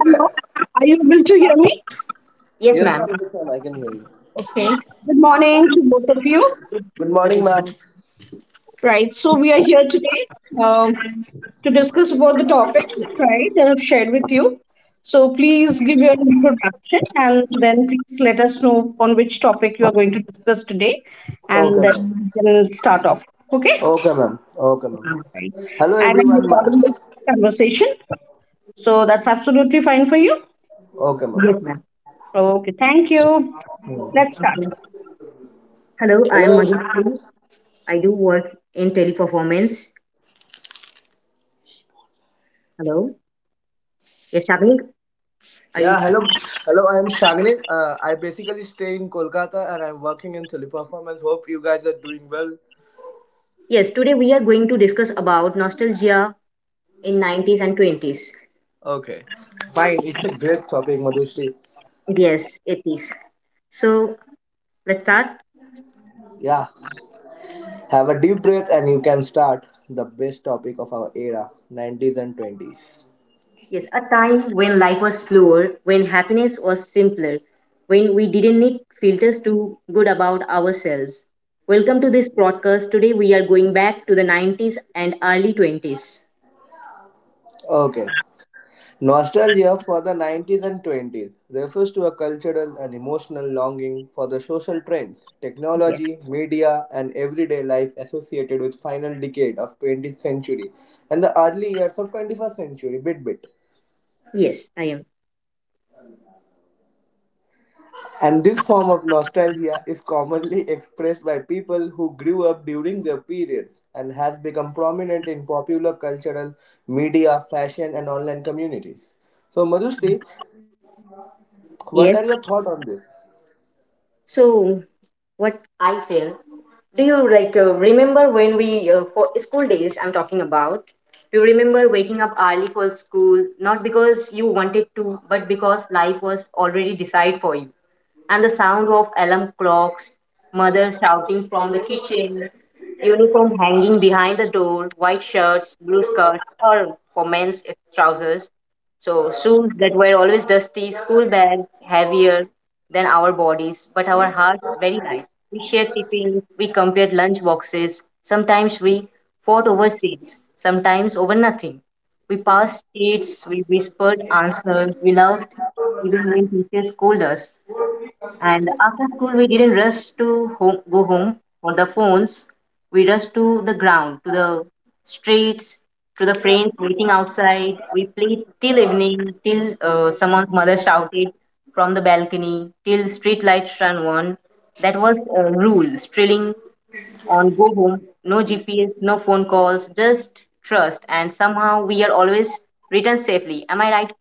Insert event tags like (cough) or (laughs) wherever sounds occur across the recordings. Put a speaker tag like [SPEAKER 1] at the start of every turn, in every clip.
[SPEAKER 1] Hello, are you able to hear me?
[SPEAKER 2] Yes,
[SPEAKER 3] Yes,
[SPEAKER 2] ma'am.
[SPEAKER 3] ma'am. Yes, ma'am. I can hear you.
[SPEAKER 1] Okay. Good morning to both of you.
[SPEAKER 3] Good
[SPEAKER 2] Good
[SPEAKER 3] morning, ma'am.
[SPEAKER 2] morning.
[SPEAKER 1] Right. So we are here today um, to discuss about the topic, right, that I've shared with you. So please give your introduction and then please let us know on which topic you are going to discuss today,
[SPEAKER 3] Okay,
[SPEAKER 1] and
[SPEAKER 3] ma'am.
[SPEAKER 1] then we'll start off. Okay.
[SPEAKER 3] Okay, ma'am. Okay, ma'am.
[SPEAKER 1] Right.
[SPEAKER 3] Hello,
[SPEAKER 1] And I'm
[SPEAKER 3] everyone.
[SPEAKER 1] recording this conversation, so that's absolutely fine for you.
[SPEAKER 3] Okay, ma'am.
[SPEAKER 2] Yes, ma'am.
[SPEAKER 1] Okay. Thank you. Let's start.
[SPEAKER 2] Hello, I am
[SPEAKER 3] Hello. ev-
[SPEAKER 2] Madhuri. I do work in teleperformance. Hello. Yes, Shabnik. Are you?
[SPEAKER 3] Yeah, hello. Hello, I am Shagnit. I basically stay in Kolkata and I'm working in teleperformance. Hope you guys are doing well.
[SPEAKER 2] Yes, today we are going to discuss about nostalgia in 90s and 20s.
[SPEAKER 3] Okay. Fine. It's a great topic, Madhushri.
[SPEAKER 2] Yes, 80s. So let's start.
[SPEAKER 3] Yeah. Have a deep breath and you can start the best topic of our era, 90s and 20s.
[SPEAKER 2] Yes, a time when life was slower, when happiness was simpler, when we didn't need filters to good about ourselves. Welcome to this broadcast. Today we are going back to the 90s and early 20s.
[SPEAKER 3] Okay. Nostalgia for the 90s and 20s refers to a cultural and emotional longing for the social trends,
[SPEAKER 2] Yes.
[SPEAKER 3] technology, media, and everyday life associated with final decade of 20th century and the early years of 21st century bit bit.
[SPEAKER 2] Yes, I am.
[SPEAKER 3] And this form of nostalgia is commonly expressed by people who grew up during their periods and has become prominent in popular cultural, media, fashion, and online communities. So, Madhushri, what are your
[SPEAKER 2] Yes.
[SPEAKER 3] thoughts on this?
[SPEAKER 2] So, what I feel, do you remember when for school days, I'm talking about, do you remember waking up early for school, not because you wanted to, but because life was already decided for you? And the sound of alarm clocks, mother shouting from the kitchen, uniform hanging behind the door, white shirts, blue skirts, or for men's it's trousers. So shoes that were always dusty, school bags heavier than our bodies, but our hearts very light. We shared tiffins, we compared lunch boxes. Sometimes we fought over seats, sometimes over nothing. We passed sheets, we whispered answers, we loved even when teachers scolded us. And after school, we didn't rush to home, go home on the phones. We rushed to the ground, to the streets, to the friends waiting outside. We played till evening, till someone's mother shouted from the balcony, till street lights shone on. That was a rule, strilling on go home, no GPS, no phone calls, just trust. And somehow we are always returned safely. Am I right?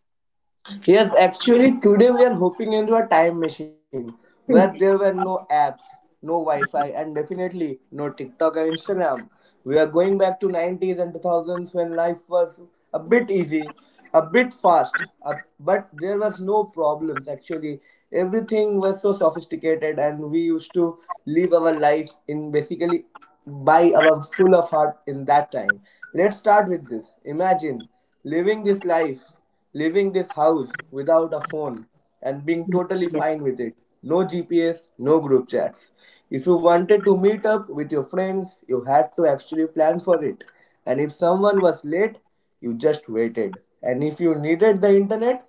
[SPEAKER 3] Yes, actually, today we are hopping into a time machine where there were no apps, no Wi-Fi, and definitely no TikTok and Instagram. We are going back to 90s and 2000s when life was a bit easy, a bit fast, but there was no problems. Actually, everything was so sophisticated, and we used to live our life in basically by our full of heart in that time. Let's start with this. Imagine living this life. Leaving this house without a phone and being totally
[SPEAKER 2] Yes.
[SPEAKER 3] fine with it. No GPS, no group chats. If you wanted to meet up with your friends, you had to actually plan for it. And if someone was late, you just waited. And if you needed the internet,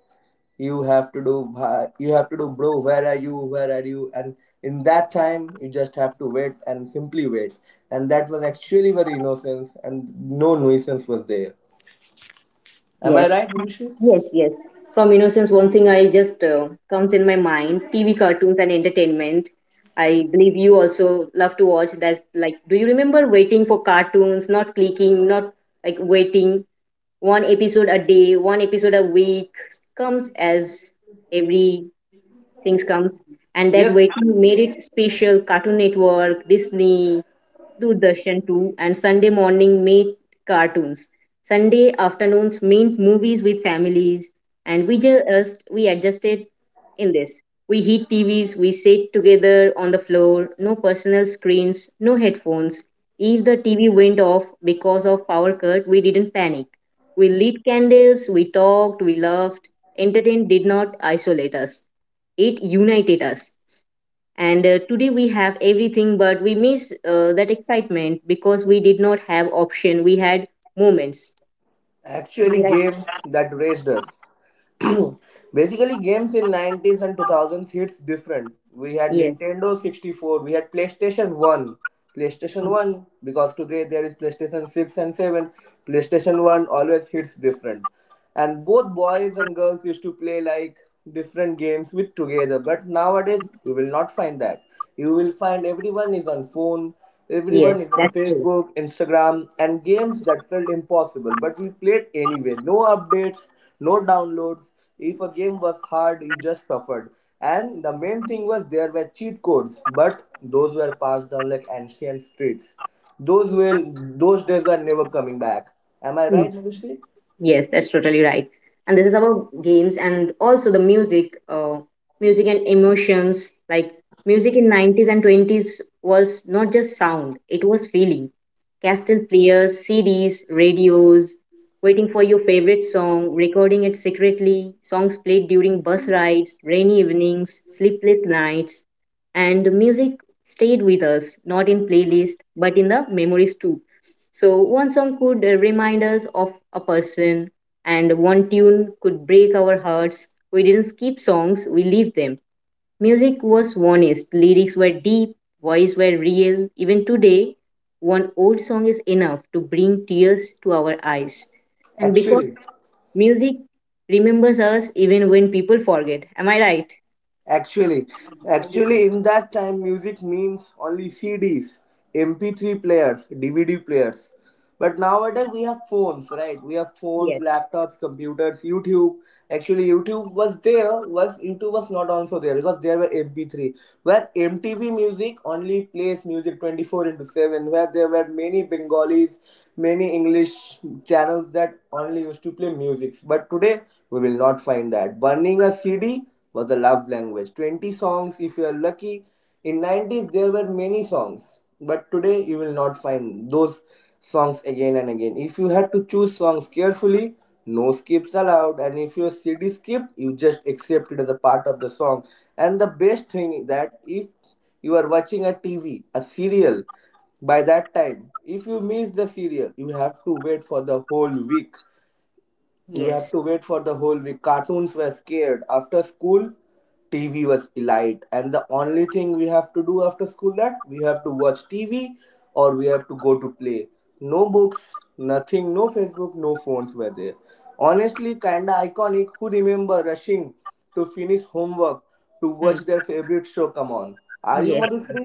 [SPEAKER 3] you have to do you have to do, bro, where are you? And in that time you just have to wait and simply wait, and that was actually very innocence and no nuisance was there. Am I
[SPEAKER 2] Yes.
[SPEAKER 3] right, Manishi?
[SPEAKER 2] Yes, yes. From innocence, one thing I just comes in my mind: TV cartoons and entertainment. I believe you also love to watch that. Like, do you remember waiting for cartoons, not clicking, not like waiting one episode a day, one episode a week comes as every things comes, and that
[SPEAKER 3] Yes.
[SPEAKER 2] waiting made it special. Cartoon Network, Disney, Doordarshan 2, and Sunday morning made cartoons. Sunday afternoons meant movies with families, and we adjusted in this. We hit TVs, we sat together on the floor, no personal screens, no headphones. If the TV went off because of power cut, we didn't panic. We lit candles, we talked, we laughed. Entertainment did not isolate us, it united us. And today we have everything, but we miss that excitement because we did not have option. We had moments. Am I
[SPEAKER 3] Actually,
[SPEAKER 2] right?
[SPEAKER 3] games that raised us. (clears throat) Basically, games in 90s and 2000s hits different. We had
[SPEAKER 2] Yes,
[SPEAKER 3] Nintendo 64, we had PlayStation 1. PlayStation 1, because today there is PlayStation 6 and 7. PlayStation 1 always hits different. And both boys and girls used to play like different games with together. But nowadays, you will not find that. You will find everyone is on phone,
[SPEAKER 2] yes,
[SPEAKER 3] everyone is on
[SPEAKER 2] that's true.
[SPEAKER 3] Facebook, Instagram, and games that felt impossible, but we played anyway. No updates, no downloads. If a game was hard, you just suffered. And the main thing was there were cheat codes, but those were passed down like ancient streets. Those days are never coming back. Am I
[SPEAKER 2] Hmm.
[SPEAKER 3] right, Manushree?
[SPEAKER 2] Yes, that's totally right. And this is about games and also the music, music and emotions. Like music in 90s and 20s was not just sound, it was feeling. Cassette players, CDs, radios, waiting for your favorite song, recording it secretly, songs played during bus rides, rainy evenings, sleepless nights. And the music stayed with us, not in playlist, but in the memories too. So one song could remind us of a person, and one tune could break our hearts. We didn't skip songs, we lived them. Music was honest, lyrics were deep, voice were real. Even today, one old song is enough to bring tears to our eyes. And because
[SPEAKER 3] Actually.
[SPEAKER 2] music remembers us even when people forget. Am I right?
[SPEAKER 3] Actually,
[SPEAKER 2] I do.
[SPEAKER 3] actually, in that time, music means only CDs, MP3 players, DVD players. But nowadays, we have phones, right? We have phones,
[SPEAKER 2] Yes.
[SPEAKER 3] laptops, computers, YouTube. Actually, YouTube was there, was YouTube was not also there because there were MP3, where MTV music only plays music 24 into 7, where there were many Bengalis, many English channels that only used to play music. But today, we will not find that. Burning a CD was the love language. 20 songs, if you are lucky. In 90s, there were many songs. But today, you will not find those songs again and again. If you had to choose songs carefully, no skips allowed. And if your CD skipped, you just accept it as a part of the song. And the best thing is that if you are watching a TV, a serial, by that time, if you miss the serial, you have
[SPEAKER 2] Yes.
[SPEAKER 3] to wait for the whole week. Cartoons were scared. After school, TV was elite. And the only thing we have to do after school that we have to watch TV or we have to go to play. No books, nothing, no Facebook, no phones were there. Honestly, kinda iconic. Who remember rushing to finish homework to
[SPEAKER 2] Hmm.
[SPEAKER 3] watch their favorite show come on? Are you,
[SPEAKER 2] Yes.
[SPEAKER 3] Madhusri?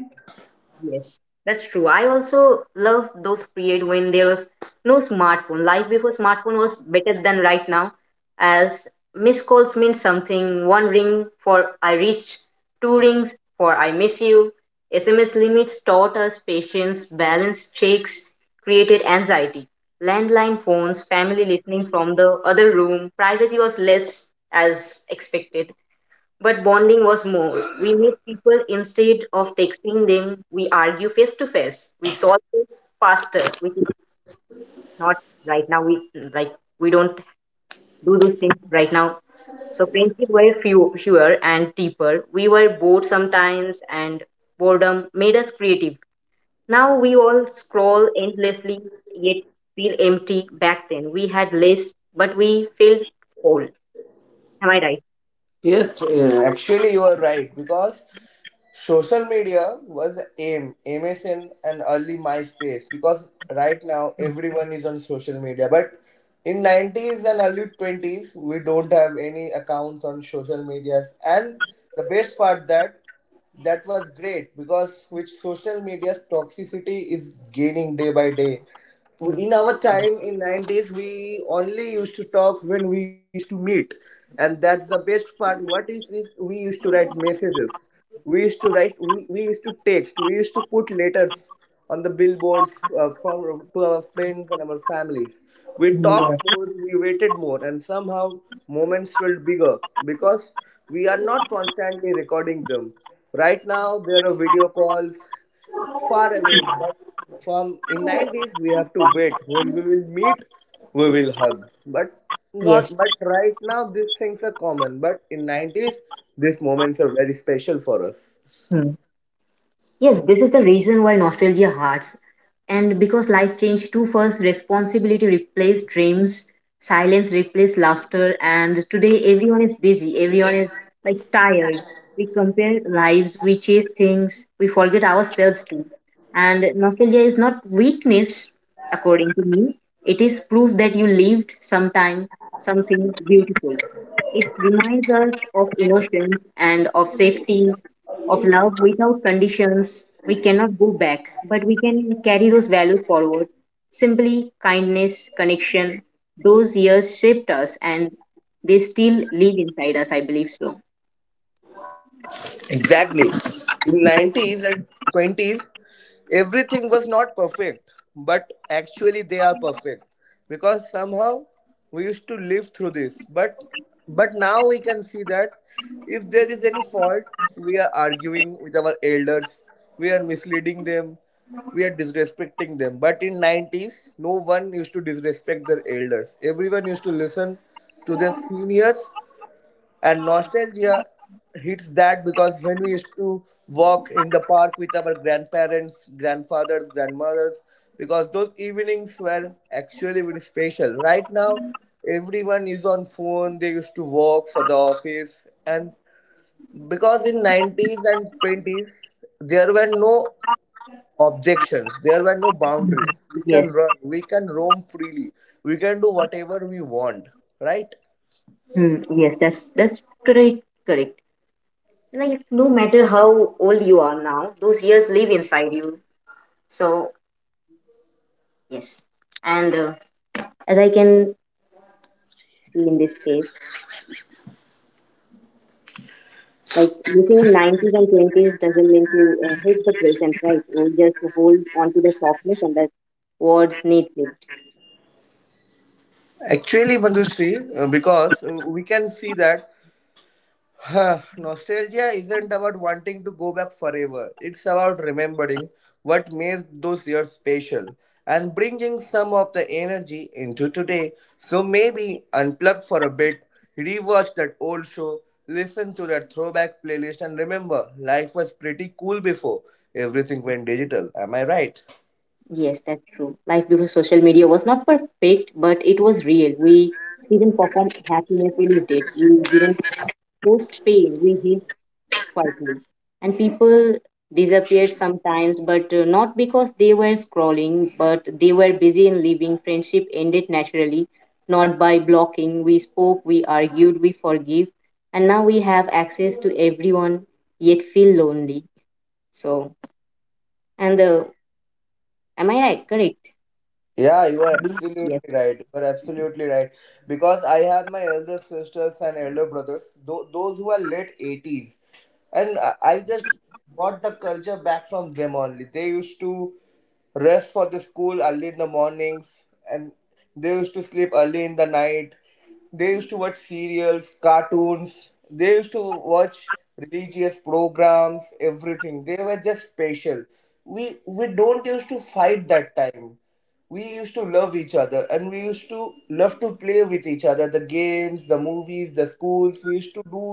[SPEAKER 2] Yes, that's true. I also love those period when there was no smartphone. Life before smartphone was better than right now, as missed calls mean something. One ring for I reach, two rings for I miss you. SMS limits taught us patience, balance checks created anxiety. Landline phones, family listening from the other room, privacy was less as expected. But bonding was more. We met people instead of texting them. We argue face to face. We solve things faster, which is not right now. We like we don't do those things right now. So friendship were few, fewer and deeper. We were bored sometimes, and boredom made us creative. Now we all scroll endlessly, yet feel empty. Back then we had less, but we felt whole. Am I right?
[SPEAKER 3] Yes, actually, you are right because social media was AIM, MSN, and early MySpace because right now everyone is on social media. But in 90s and early 20s, we don't have any accounts on social medias. And the best part that that was great because which social media's toxicity is gaining day by day
[SPEAKER 2] Hmm.
[SPEAKER 3] in our time in 90s, we only used to talk when we used to meet, and that's the best part. What if we used to write messages, we used to write, we used to text, we used to put letters on the billboards, from to our friends and our families. We
[SPEAKER 2] Hmm,
[SPEAKER 3] talked
[SPEAKER 2] that's-
[SPEAKER 3] more, we waited more, and somehow moments felt bigger because we are not constantly recording them. Right now, there are video calls far away, but from in 90s, we have to wait. When we will meet, we will hug. But not.
[SPEAKER 2] Yes.
[SPEAKER 3] But right now, these things are common. But in 90s, these moments are very special for us.
[SPEAKER 2] Yes, this is the reason why nostalgia hurts. And because life changed too fast, responsibility replaced dreams, silence replaced laughter, and today everyone is busy, everyone is like tired, we compare lives, we chase things, we forget ourselves too. And nostalgia is not weakness, according to me. It is proof that you lived sometime something beautiful. It reminds us of emotions and of safety, of love without conditions. We cannot go back, but we can carry those values forward. Simply kindness, connection, those years shaped us, and they still live inside us, I believe so.
[SPEAKER 3] Exactly. In 90s and 20s, everything was not perfect, but actually they are perfect because somehow we used to live through this. But now we can see that if there is any fault, we are arguing with our elders, we are misleading them, we are disrespecting them. But in 90s, no one used to disrespect their elders. Everyone used to listen to their seniors, and nostalgia hits that because when we used to walk in the park with our grandparents, grandfathers, grandmothers, because those evenings were actually very special. Right now, everyone is on phone, they used to walk for the office. And because in 90s and 20s, there were no objections, there were no boundaries. We can
[SPEAKER 2] Yes.
[SPEAKER 3] run, we can roam freely, we can do whatever we want, right?
[SPEAKER 2] Hmm, yes, that's pretty correct. Like no matter how old you are now, those years live inside you. So yes, and as I can see in this case, like living in nineties and twenties doesn't mean to hate the present, right? Or just to hold on to the softness and the words need it.
[SPEAKER 3] Actually, Manjushri, because we can see that nostalgia isn't about wanting to go back forever. It's about remembering what made those years special and bringing some of the energy into today. So maybe unplug for a bit, rewatch that old show, listen to that throwback playlist, and remember life was pretty cool before everything went digital. Am I right?
[SPEAKER 2] Yes, that's true. Life before social media was not perfect, but it was real. We didn't perform happiness, we lived it. We didn't post pain, we healed quietly. And people disappeared sometimes, but not because they were scrolling, but they were busy in living. Friendship ended naturally, not by blocking. We spoke, we argued, we forgive, and now we have access to everyone, yet feel lonely. So, and am I right? Correct.
[SPEAKER 3] Yeah, you are
[SPEAKER 2] Yes.
[SPEAKER 3] absolutely right. You are absolutely right. Because I have my elder sisters and elder brothers, those who are late 80s. And I just got the culture back from them only. They used to rest for the school early in the mornings and they used to sleep early in the night. They used to watch serials, cartoons. They used to watch religious programs, everything. They were just special. We don't used to fight that time, we used to love each other, and we used to love to play with each other, the games, the movies, the schools, we used to do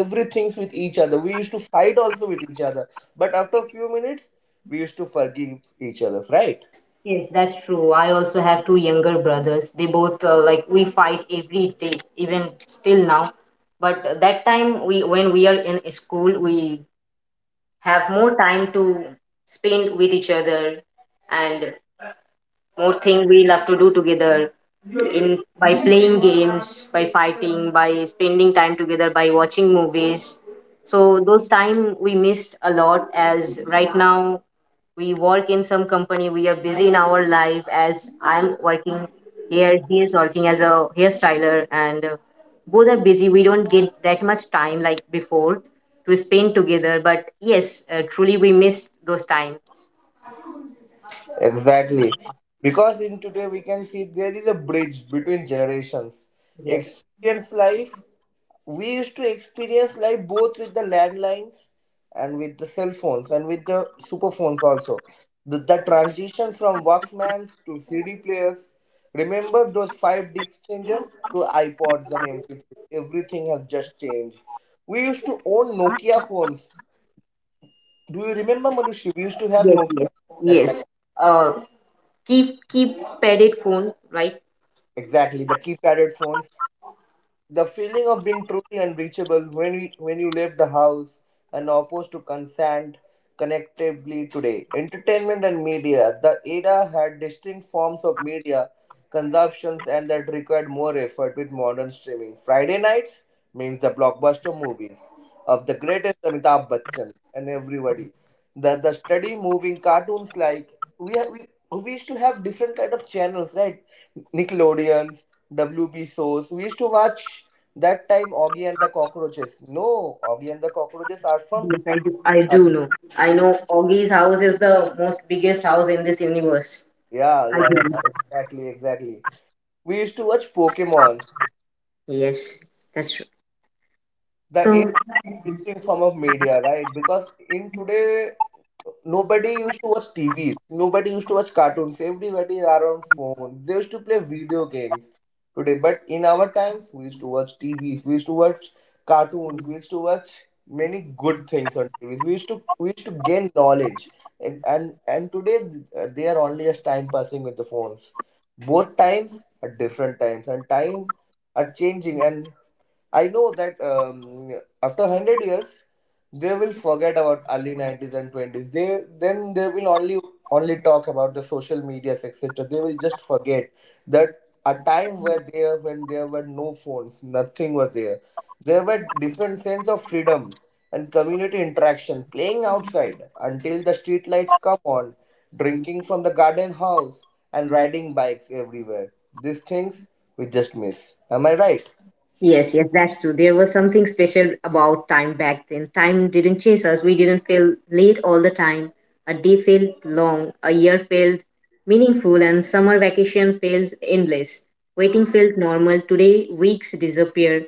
[SPEAKER 3] everything with each other, we used to fight also with each other, but after a few minutes, we used to forgive each other, right?
[SPEAKER 2] Yes, that's true. I also have two younger brothers. They both like we fight every day, even still now. But that time we when we are in school, we have more time to spend with each other, and more thing we love to do together in by playing games, by fighting, by spending time together, by watching movies. So those time we missed a lot as right now we work in some company, we are busy in our life as I'm working here, he is working as a hairstyler, and both are busy. We don't get that much time like before to spend together, but yes, truly we missed those time.
[SPEAKER 3] Exactly. Because in today we can see there is a bridge between generations.
[SPEAKER 2] Yes.
[SPEAKER 3] Experience life. We used to experience life both with the landlines and with the cell phones and with the super phones also. The transitions from Walkmans to CD players. Remember those five disc changer to iPods and MP3. Everything has just changed. We used to own Nokia phones. Do you remember, Manushi? We used to have
[SPEAKER 2] Yes,
[SPEAKER 3] Nokia
[SPEAKER 2] yes,
[SPEAKER 3] phones at
[SPEAKER 2] yes.
[SPEAKER 3] that time.
[SPEAKER 2] Uh, keep padded phone, right?
[SPEAKER 3] Exactly, the keypadded phones. The feeling of being truly unreachable when we when you leave the house and opposed to consent connectively today. Entertainment and media. The era had distinct forms of media consumptions and that required more effort with modern streaming. Friday nights means the blockbuster movies of the greatest Amitabh Bachchan and everybody. The steady moving cartoons like we, ha- we used to have different kind of channels, right? Nickelodeons, WB shows. We used to watch that time Augie and the Cockroaches. No, Augie and the Cockroaches are from.
[SPEAKER 2] Yes, I do. I do know. I know Augie's house is the most biggest house in this universe.
[SPEAKER 3] Yeah,
[SPEAKER 2] I
[SPEAKER 3] yeah,
[SPEAKER 2] do.
[SPEAKER 3] yeah. Exactly, exactly. We used to watch Pokemon.
[SPEAKER 2] Yes, that's true.
[SPEAKER 3] The era
[SPEAKER 2] So
[SPEAKER 3] different form of media, right? Because in today, nobody used to watch TVs, nobody used to watch cartoons. Everybody are on phones. They used to play video games today. But in our times, we used to watch TVs, we used to watch cartoons, we used to watch many good things on TVs. We used to gain knowledge, and and today they are only just time passing with the phones. Both times are different times, and time are changing, and I know that after 100 years, they will forget about early 90s and twenties. They will only talk about the social medias etc. They will just forget that a time were there when there were no phones, nothing were there. There were different sense of freedom and community interaction, playing outside until the street lights come on, drinking from the garden house, and riding bikes everywhere. These things we just miss. Am I right?
[SPEAKER 2] yes, yes, that's true. There was something special about time back then. Time didn't chase us. We didn't feel late all the time. A day felt long, a year felt meaningful, and summer vacation felt endless. Waiting felt normal. Today, weeks disappear,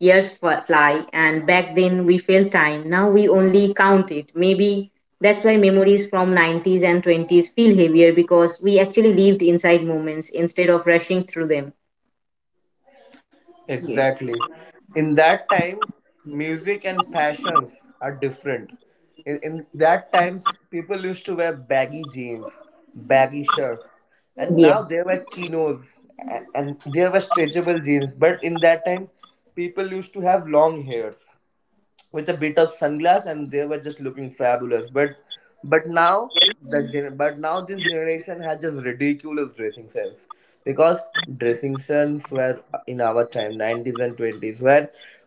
[SPEAKER 2] years f- fly, and back then we felt time. Now we only count it. Maybe that's why memories from 90s and 20s feel heavier because we actually lived inside moments instead of rushing through them. Yes.
[SPEAKER 3] Exactly. In that time, music and fashions are different. In that times, people used to wear baggy jeans, baggy shirts, and now they wear chinos and they were stretchable jeans. But in that time, people used to have long hairs with a bit of sunglass and they were just looking fabulous but now but now this generation has just ridiculous dressing sense because dressing sense were in our time 90s and 20s where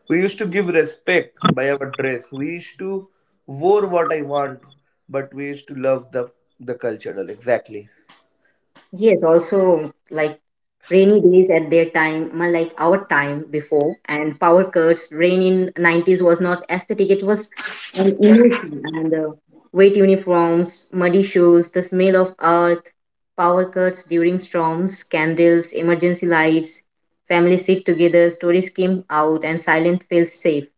[SPEAKER 3] we used to give respect by our dress, we used to wore what I want, but we used to love the cultural. Exactly.
[SPEAKER 2] Yes, also like rainy days at their time, ma- like our time before, and power cuts. Rain in nineties was not aesthetic; it was an emotion. And wet uniforms, muddy shoes, the smell of earth, power cuts during storms, candles, emergency lights. Families sit together, stories came out, and silence felt safe.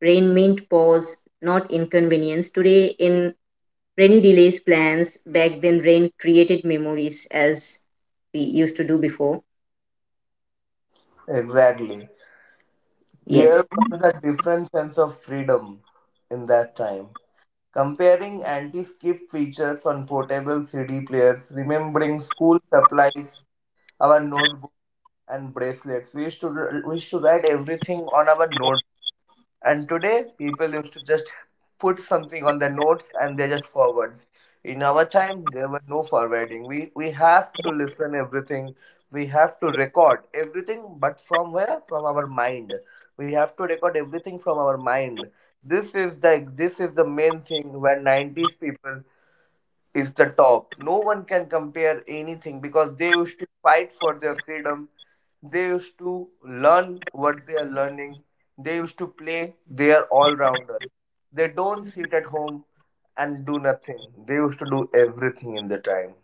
[SPEAKER 2] Rain meant pause, not inconvenience. Today, in rainy delays plans. Back then, rain created memories as we used to do before.
[SPEAKER 3] Exactly, there
[SPEAKER 2] Yes.
[SPEAKER 3] was a different sense of freedom in that time. Comparing anti-skip features on portable CD players, remembering school supplies, our notebooks and bracelets. We used to write everything on our note. And today, people used to just put something on their notes and they just forwards. In our time, there were no forwarding. We have to listen everything. We have to record everything, but from where? From our mind. We have to record everything from our mind. This is the this is the main thing where 90s people is the top. No one can compare anything because they used to fight for their freedom. They used to learn what they are learning. They used to play. They are all rounders. They don't sit at home and do nothing. They used to do everything in the time.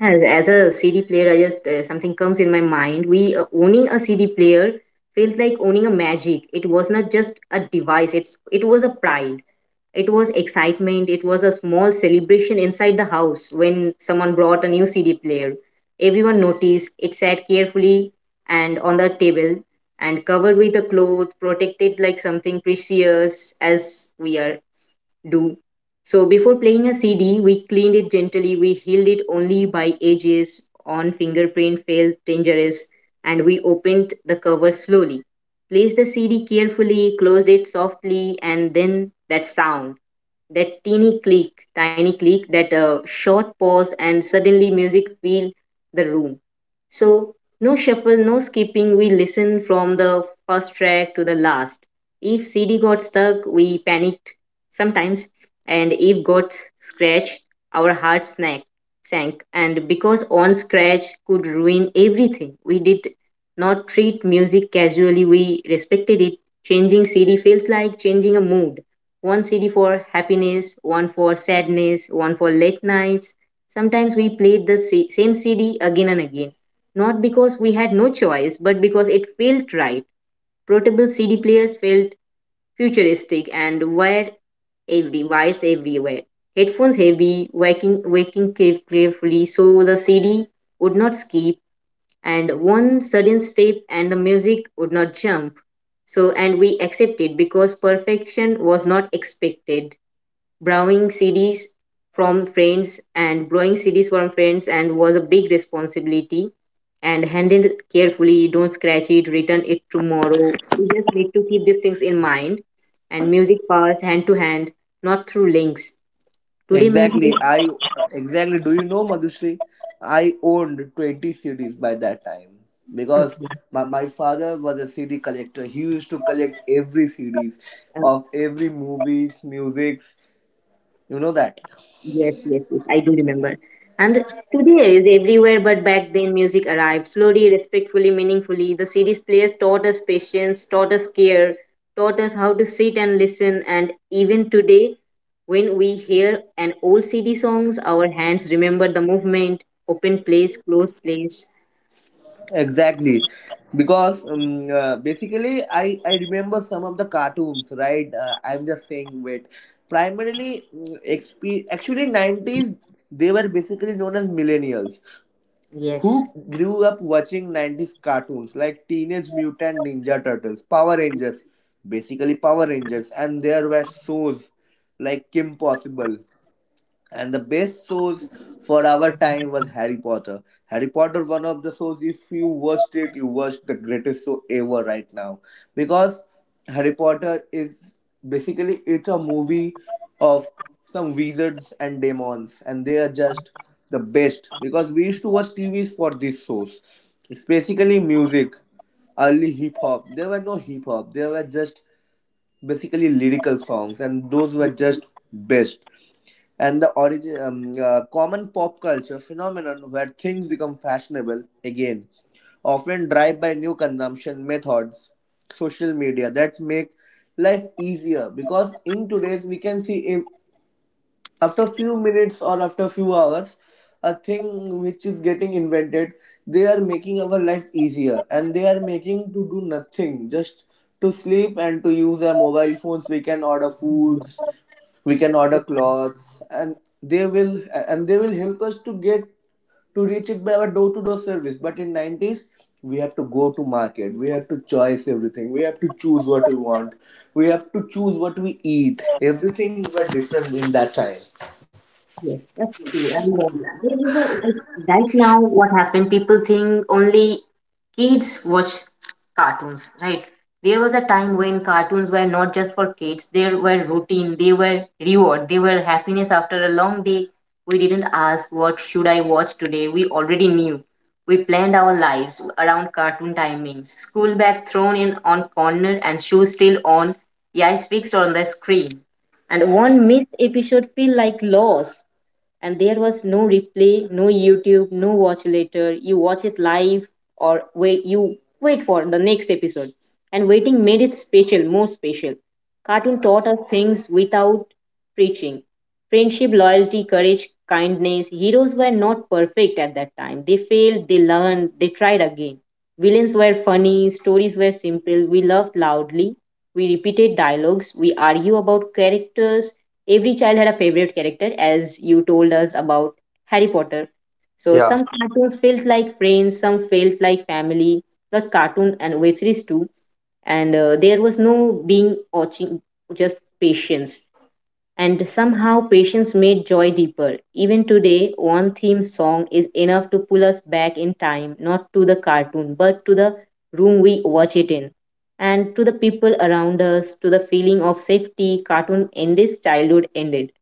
[SPEAKER 2] As a CD player, I just something comes in my mind. We owning a CD player felt like owning a magic. It was not just a device. It was a pride. It was excitement, it was a small celebration inside the house when someone brought a new CD player. Everyone noticed it sat carefully and on the table and covered with a cloth, protected like something precious as we are do. So before playing a CD, we cleaned it gently, we healed it only by edges on fingerprint felt dangerous, and we opened the cover slowly, placed the CD carefully, closed it softly, and then that sound, that teeny click, tiny click, that short pause, and suddenly music filled the room. So, no shuffle, no skipping, we listened from the first track to the last. If CD got stuck, we panicked sometimes, and if got scratched, our heart snack, sank. And because on scratch could ruin everything, we did not treat music casually, we respected it. Changing CD felt like changing a mood, one CD for happiness, one for sadness, one for late nights. Sometimes we played the sa- same CD again and again, not because we had no choice, but because it felt right. Portable CD players felt futuristic and wired. Every wires everywhere. Headphones heavy, waking care- carefully, so the CD would not skip, and one sudden step and the music would not jump. So and we accepted because perfection was not expected. Borrowing CDs from friends and borrowing CDs from friends and was a big responsibility. And handle it carefully, don't scratch it, return it tomorrow. You just need to keep these things in mind, and music passed hand to hand, not through links. Today music
[SPEAKER 3] Exactly.
[SPEAKER 2] is
[SPEAKER 3] I exactly. Do you know Madhushri? I owned 20 CDs by that time because
[SPEAKER 2] okay
[SPEAKER 3] my father was a CD collector. He used to collect every CDs
[SPEAKER 2] uh,
[SPEAKER 3] of every movies, musics. You know that.
[SPEAKER 2] yes, yes, yes, I do remember. And today is everywhere, but back then music arrived slowly, respectfully, meaningfully. The CD's players taught us patience, taught us care, taught us how to sit and listen. And even today, when we hear an old CD songs, our hands remember the movement, open place, close place.
[SPEAKER 3] Exactly, because basically I remember some of the cartoons. Right. I'm just saying. Wait. Primarily, actually nineties. They were basically known as millennials
[SPEAKER 2] Yes.
[SPEAKER 3] who grew up watching 90s cartoons like Teenage Mutant Ninja Turtles, Power Rangers, basically Power Rangers, and there were shows like Kim Possible, and the best shows for our time was Harry Potter. Harry Potter, one of the shows. If you watched it, you watched the greatest show ever right now, because Harry Potter is basically, it's a movie of some wizards and demons, and they are just the best, because we used to watch TVs for these shows. It's basically music, early hip hop. There were no hip hop, there were just basically lyrical songs, and those were just best. And the origin, common pop culture phenomenon where things become fashionable again, often drive by new consumption methods, social media, that make life easier, because in today's we can see after few minutes or after few hours a thing which is getting invented, they are making our life easier, and they are making to do nothing, just to sleep and to use our mobile phones. We can order foods, we can order clothes, they will and they will help us to get to reach it by our door to door service. But in 90s, we have to go to market, we have to choice everything, we have to choose what we want, we have to choose what we eat. Everything were different in that time.
[SPEAKER 2] Yes, that's true. And There is a like right now what happened, people think only kids watch cartoons, right? There was a time when cartoons were not just for kids, they were routine, they were reward, they were happiness after a long day. We didn't ask what should I watch today. We already knew. We planned our lives around cartoon timings. School bag thrown in on corner and shoes still on, eyes fixed on the screen, and one missed episode feel like loss. And there was no replay, no YouTube, no watch later. You watch it live or wait, you wait for the next episode. And waiting made it special, more special. Cartoon taught us things without preaching: friendship, loyalty, courage, kindness. Heroes were not perfect at that time, they failed, they learned, they tried again. Villains were funny, stories were simple, we laughed loudly, we repeated dialogues, we argue about characters. Every child had a favorite character, as you told us about Harry Potter. So
[SPEAKER 3] Yeah,
[SPEAKER 2] some cartoons felt like friends, some felt like family, like cartoon and web series too. And There was no being watching, just patience. And somehow patience made joy deeper. Even today, one theme song is enough to pull us back in time, not to the cartoon, but to the room we watch it in, and to the people around us, to the feeling of safety. Cartoon ended, childhood ended,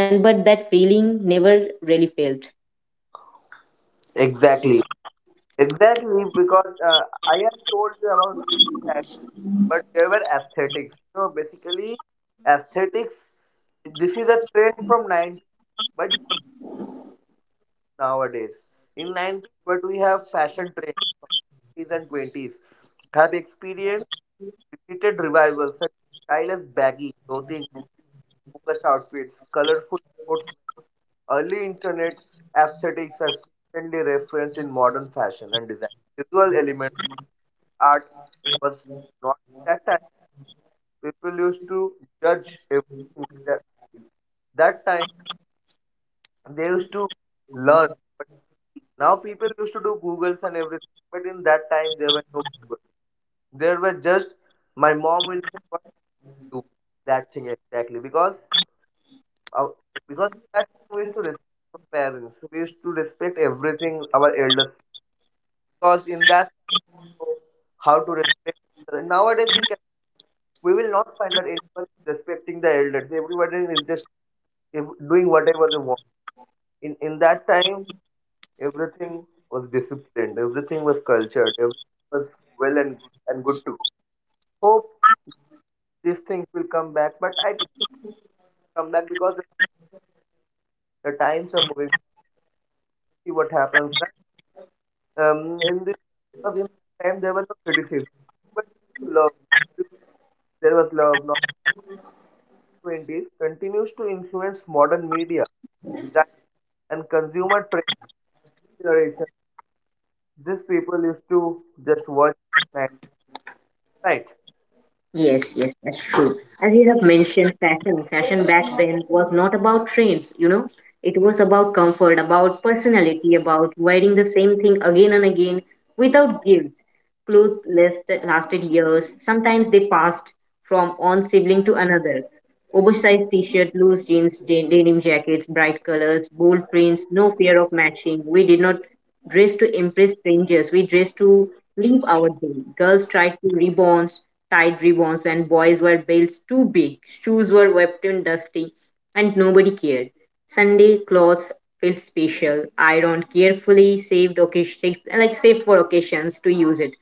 [SPEAKER 2] and but that feeling never really felt.
[SPEAKER 3] exactly. Exactly, because I have told you about the aesthetics, but there were aesthetics. You know, basically, aesthetics, this is a trend from 90s, but nowadays. In 90s, but we have fashion trends from 90s and 20s, have experienced repeated revivals such as style as baggy clothing, focused outfits, colorful sports. Early internet aesthetics are frequently referenced in modern fashion and design. Visual elements art was not that time. People used to judge everything with their eyes. That time they used to learn. But now people used to do Googles and everything. But in that time there were no Google. There were just my mom will say what to do that thing. Exactly, uh, because that time we used to respect our parents. We used to respect everything our elders, because in that how to respect. Nowadays we will not find that anyone is respecting the elders. Everybody is just, if, doing whatever they want. In that time, everything was disciplined, everything was cultured, everything was well and good to go. Hope these things will come back, but I think come back because the times are moving. See what happens. Right? In this, because in that time there were no criticism, but love, there was love. Not twenties continues to influence modern media that- and consumer trends. These people used to just watch Max, right?
[SPEAKER 2] Yes, yes, that's true. As you have mentioned, fashion back then was not about trends, you know. It was about comfort, about personality, about wearing the same thing again and again without guilt. Clothes last, lasted years. Sometimes they passed from one sibling to another. Oversized t-shirt, loose jeans, denim jackets, bright colors, bold prints, no fear of matching. We did not dress to impress strangers. We dressed to live our day. Girls tried to ribbons, Tied ribbons, and boys were belts too big. Shoes were wept and dusty, and nobody cared. Sunday clothes felt special, ironed carefully, saved occasion, like saved for occasions to use it.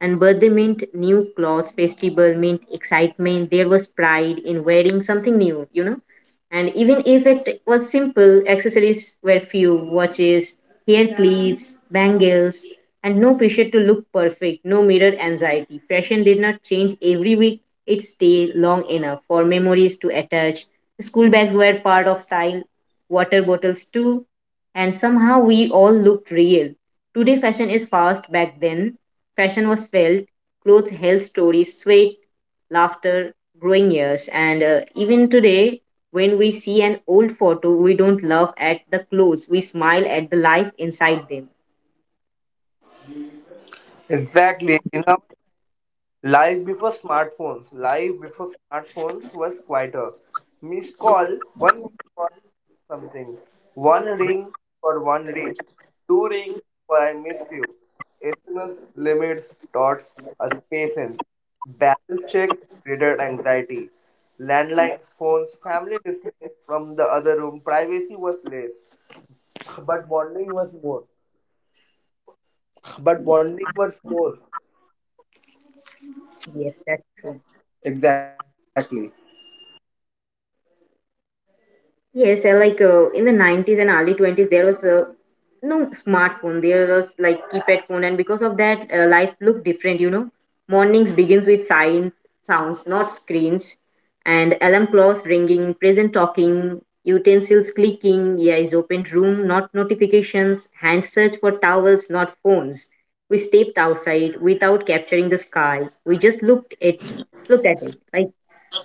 [SPEAKER 2] And birthday meant new clothes, festival meant excitement. There was pride in wearing something new, you know. And even if it was simple, accessories were few: watches, hair clips, bangles, and no pressure to look perfect, no mirror anxiety. Fashion did not change every week, it stayed long enough for memories to attach. School bags were part of style, water bottles too, and somehow we all looked real. Today, fashion is fast, back then, fashion was felt, clothes held stories, sweat, laughter, growing years. And Even today, when we see an old photo, we don't laugh at the clothes, we smile at the life inside them.
[SPEAKER 3] Exactly. You know, life before smartphones was quieter. Missed call, one missed call for something, one ring for one reach. Two ring for I miss you. SMS limits dots us patience. Balance check triggered anxiety. Landline phones, family listening from the other room. Privacy was less, but bonding was more. But bonding was more.
[SPEAKER 2] Yes, that's true.
[SPEAKER 3] Exactly.
[SPEAKER 2] Yes, in the 90s and early 20s, there was no smartphone. There was like keypad phone, and because of that, life looked different. You know, mornings begins with sign sounds, not screens, and alarm clocks ringing, present talking, utensils clicking, eyes opened room, not notifications, hand search for towels, not phones. We stepped outside without capturing the sky. We just looked at it. Like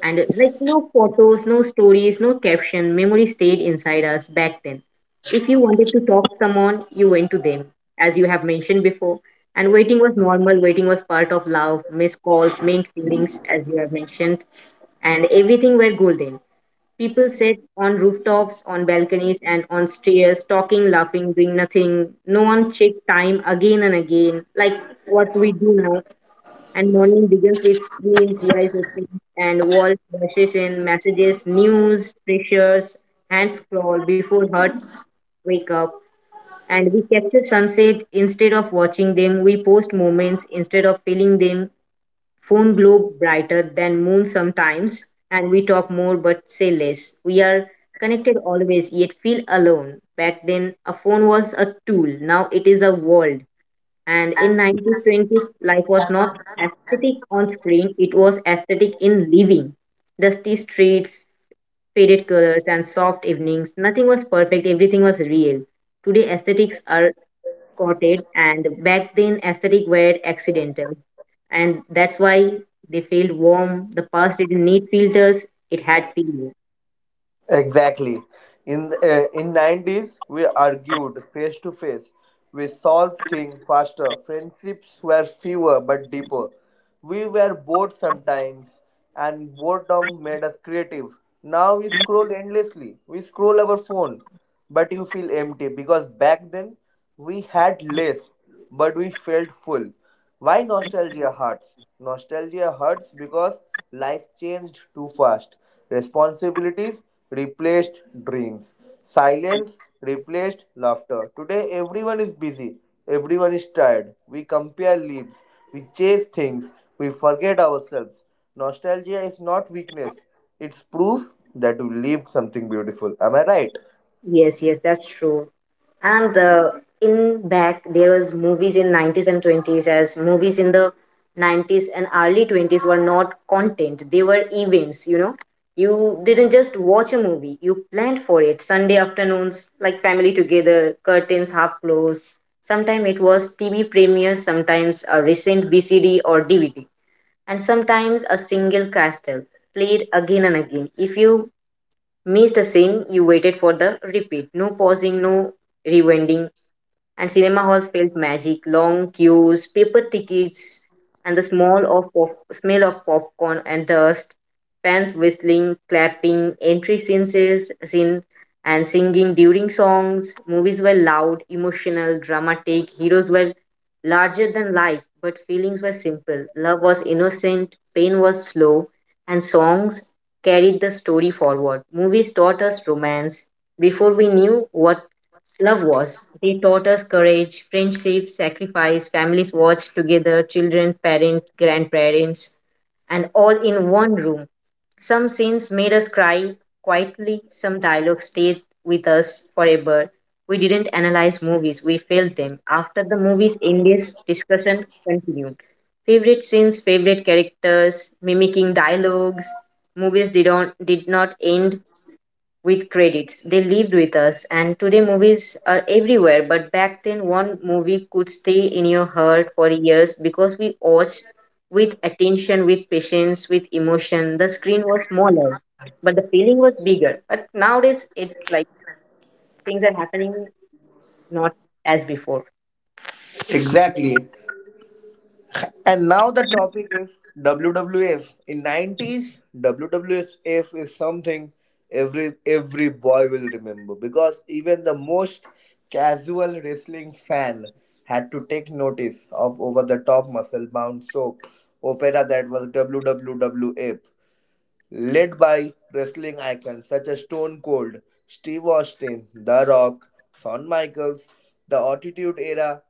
[SPEAKER 2] and uh, like no photos, no stories, no caption, memory stayed inside us back then. If you wanted to talk to someone, you went to them, as you have mentioned before. And waiting was normal, waiting was part of love, missed calls, main feelings, as you have mentioned, and everything were golden. People sat on rooftops, on balconies, and on stairs, talking, laughing, doing nothing. No one checked time again and again, like what we do now. And morning begins with screens, eyes open, and wall flashes in messages, news, pressures, hands crawl before hearts wake up. And we capture sunset instead of watching them. We post moments instead of feeling them. Phone glow brighter than moon sometimes, and we talk more but say less. We are connected always, yet feel alone. Back then, a phone was a tool. Now it is a world. And in 1920s, life was not aesthetic on screen, it was aesthetic in living. Dusty streets, faded colors, and soft evenings. Nothing was perfect, everything was real. Today, aesthetics are courted, and back then, aesthetic were accidental. And that's why they felt warm. The past didn't need filters, it had feeling.
[SPEAKER 3] Exactly. In the- in 90s, we argued face to face. We solved things faster. Friendships were fewer but deeper. We were bored sometimes, and boredom made us creative. Now we scroll endlessly. We scroll our phone, but you feel empty because back then we had less, but we felt full. Why nostalgia hurts? Nostalgia hurts because life changed too fast. Responsibilities replaced dreams. Silence replaced laughter. Today, everyone is busy. Everyone is tired. We compare leaves. We chase things. We forget ourselves. Nostalgia is not weakness, it's proof that we lived something beautiful. Am I right?
[SPEAKER 2] Yes, yes, that's true. And In back there was movies in 90s and 20s, as movies in the 90s and early 20s were not content, they were events, you know. You didn't just watch a movie, you planned for it. Sunday afternoons like family together, curtains half closed. Sometimes it was TV premieres, sometimes a recent VCD or DVD, and sometimes a single castle played again and again. If you missed a scene, you waited for the repeat. No pausing, no rewinding. And cinema halls felt magic. Long queues, paper tickets, and the smell of popcorn and dust, fans whistling, clapping, entry scenes, scene and singing during songs. Movies were loud, emotional, dramatic. Heroes were larger than life, but feelings were simple. Love was innocent, pain was slow, and songs carried the story forward. Movies taught us romance before we knew what love was. They taught us courage, friendship, sacrifice, families watched together, children, parents, grandparents, and all in one room. Some scenes made us cry quietly, some dialogues stayed with us forever. We didn't analyze movies, we felt them. After the movies ended, discussion continued. Favorite scenes, favorite characters, mimicking dialogues. Movies did not end with credits. They lived with us, and today movies are everywhere. But back then, one movie could stay in your heart for years because we watched with attention, with patience, with emotion. The screen was smaller, but the feeling was bigger. But nowadays, it like things are happening not as before.
[SPEAKER 3] Exactly. And now the topic is WWF. In 90s, WWF is something every boy will remember, because even the most casual wrestling fan had to take notice of over the top muscle bound soap opera that was WWF, led by wrestling icons such as Stone Cold, Steve Austin, The Rock, Shawn Michaels. The Attitude Era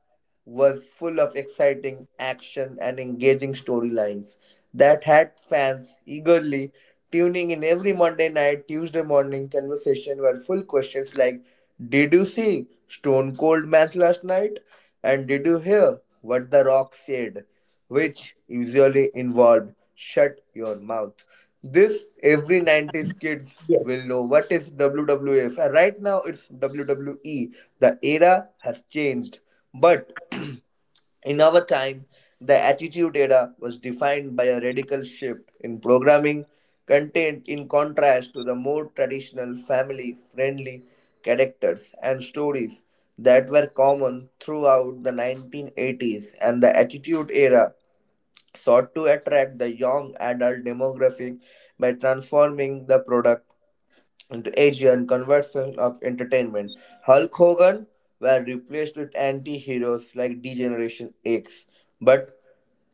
[SPEAKER 3] was full of exciting action and engaging storylines that had fans eagerly tuning in every Monday night. Tuesday morning conversation were full questions like, did you see Stone Cold match last night? And did you hear what The Rock said? Which usually involved shut your mouth. This every 90s kids will know what is WWF, and right now it's WWE. The era has changed, but (clears throat) in our time, the Attitude Era was defined by a radical shift in programming content, in contrast to the more traditional family friendly characters and stories that were common throughout the 1980s, and the Attitude Era sought to attract the young adult demographic by transforming the product into Asian conversion of entertainment. Hulk Hogan were replaced with anti-heroes like D-Generation X. But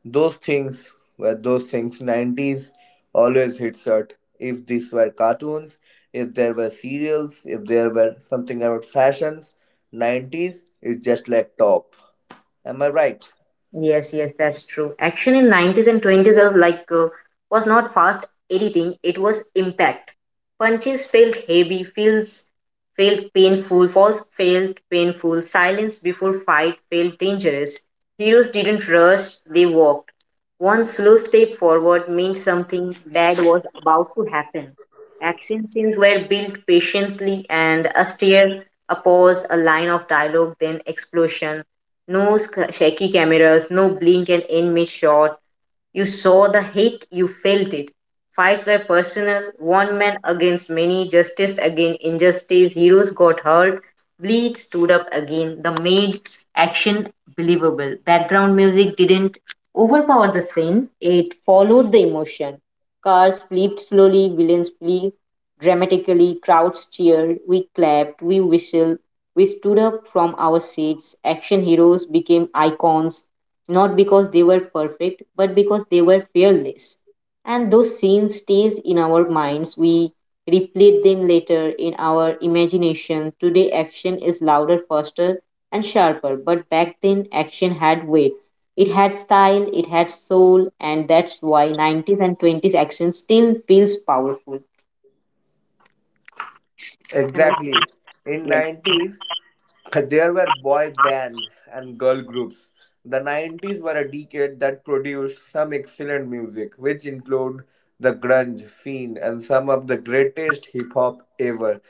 [SPEAKER 3] those things 90s always hits hard. If these were cartoons, if there were serials, if there were something about fashions, 90s is just like top. Am I right?
[SPEAKER 2] Yes, yes, that's true. Action in 90s and 20s was like was not fast editing, it was impact. Punches felt heavy, feels felt painful, falls felt painful, silence before fight felt dangerous. Heroes didn't rush, they walked. One slow step forward meant something bad was about to happen. Action scenes were built patiently, and a stare, a pause, a line of dialogue, then explosion. Shaky cameras, no blink and end miss shot. You saw the hit, you felt it. Fights were personal, one man against many, justice against injustice, heroes got hurt, bleed stood up again. The made action believable. Background music didn't overpowered the scene, it followed the emotion. Cars flipped slowly, villains flee dramatically, crowds cheered, we clapped, we whistled, we stood up from our seats. Action heroes became icons, not because they were perfect, but because they were fearless. And those scenes stays in our minds. We replayed them later in our imagination. Today action is louder, faster, and sharper, but back then action had weight. It had style, it had soul, and that's why 90s and 20s action still feels powerful. Am I-
[SPEAKER 3] Exactly. In
[SPEAKER 2] Yes,
[SPEAKER 3] 90s, there were boy bands and girl groups. The 90s were a decade that produced some excellent music, which include the grunge scene and some of the greatest hip hop ever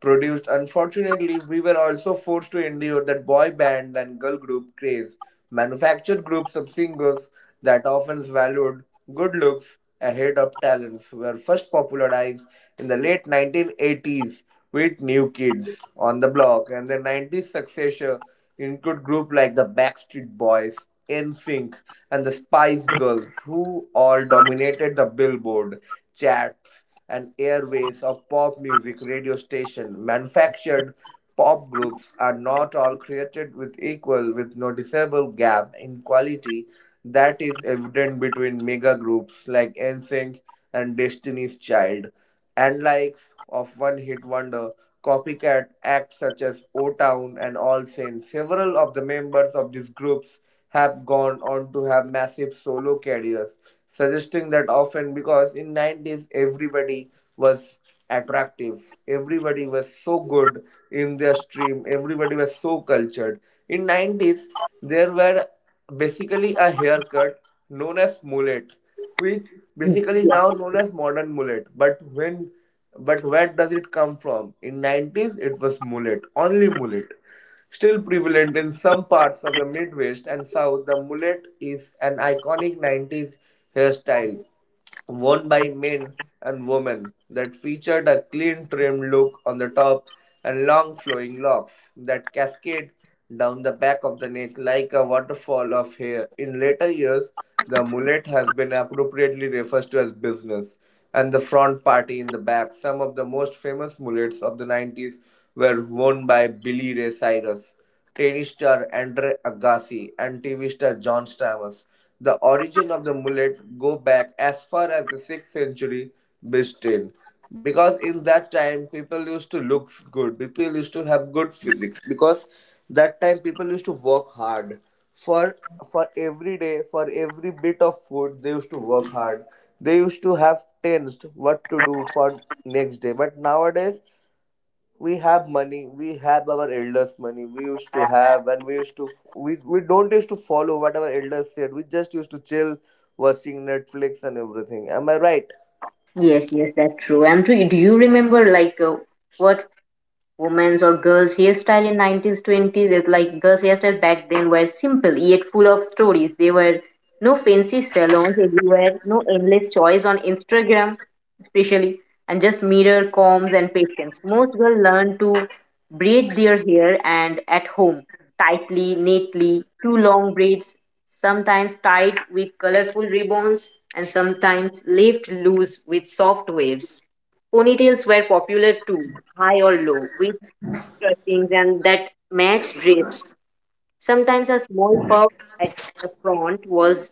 [SPEAKER 3] produced. Unfortunately, we were also forced to endure that boy band and girl group craze, manufactured groups of singers that often valued good looks ahead of talents, were first popularized in the late 1980s with new kids on the block, and the 90s successor include groups like the Backstreet Boys, NSYNC, and the Spice Girls, who all dominated the Billboard charts and airways of pop music radio station. Manufactured pop groups are not all created with equal, with noticeable gap in quality that is evident between mega groups like NSYNC and Destiny's Child, and likes of one hit wonder copycat acts such as O Town and All Saints. Several of the members of these groups have gone on to have massive solo careers, suggesting that often because in 90s everybody was attractive, everybody was so good in their stream, everybody was so cultured. In 90s there were basically a haircut known as mullet, which basically now known as modern mullet. But when, but where does it come from? In 90s it was mullet, only mullet. Still prevalent in some parts of the Midwest and South, the mullet is an iconic 90s hairstyle worn by men and women that featured a clean trimmed look on the top and long flowing locks that cascade down the back of the neck like a waterfall of hair. In later years, the mullet has been appropriately referred to as business and the front party in the back. Some of the most famous mullets of the 90s were worn by Billy Ray Cyrus, tennis star Andre Agassi, and TV star John Stamos. The origin of the mullet go back as far as the 6th century BC, because in that time people used to look good, people used to have good physics, because that time people used to work hard for for every day, for every bit of food they used to work hard. They used to have tensed what to do for next day, but nowadays we have money, we have our elders money we used to have, and we used to we don't used to follow what our elders said. We just used to chill watching Netflix and everything. Am I right?
[SPEAKER 2] yes, yes, that's true. And do you remember like what women's or girls' hairstyle in 90s, 20s? It's like girls' hairstyle back then were simple yet full of stories. There were no fancy salons everywhere, no endless choice on Instagram. Especially and just mirror combs and patience, most girls learn to braid their hair and at home, tightly, neatly, two long braids, sometimes tied with colorful ribbons, and sometimes left loose with soft waves. Ponytails were popular too, high or low, with skirtings and that matched dress. Sometimes a small pub at the front was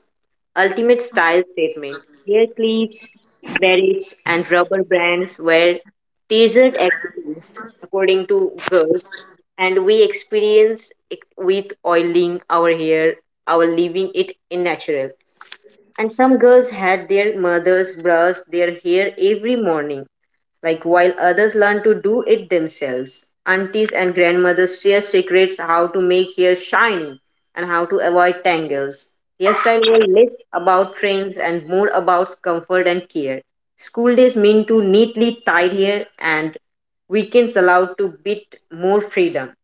[SPEAKER 2] ultimate style statement. Hair clips, berets, and rubber bands were teased accessories, according to girls, and we experienced it with oiling our hair, our leaving it in natural. And some girls had their mothers brush their hair every morning, like while others learn to do it themselves. Aunties and grandmothers share secrets how to make hair shiny and how to avoid tangles. Hairstyle were less about trends and more about comfort and care. School days mean to neatly tied hair, and weekends allowed to bit more freedom.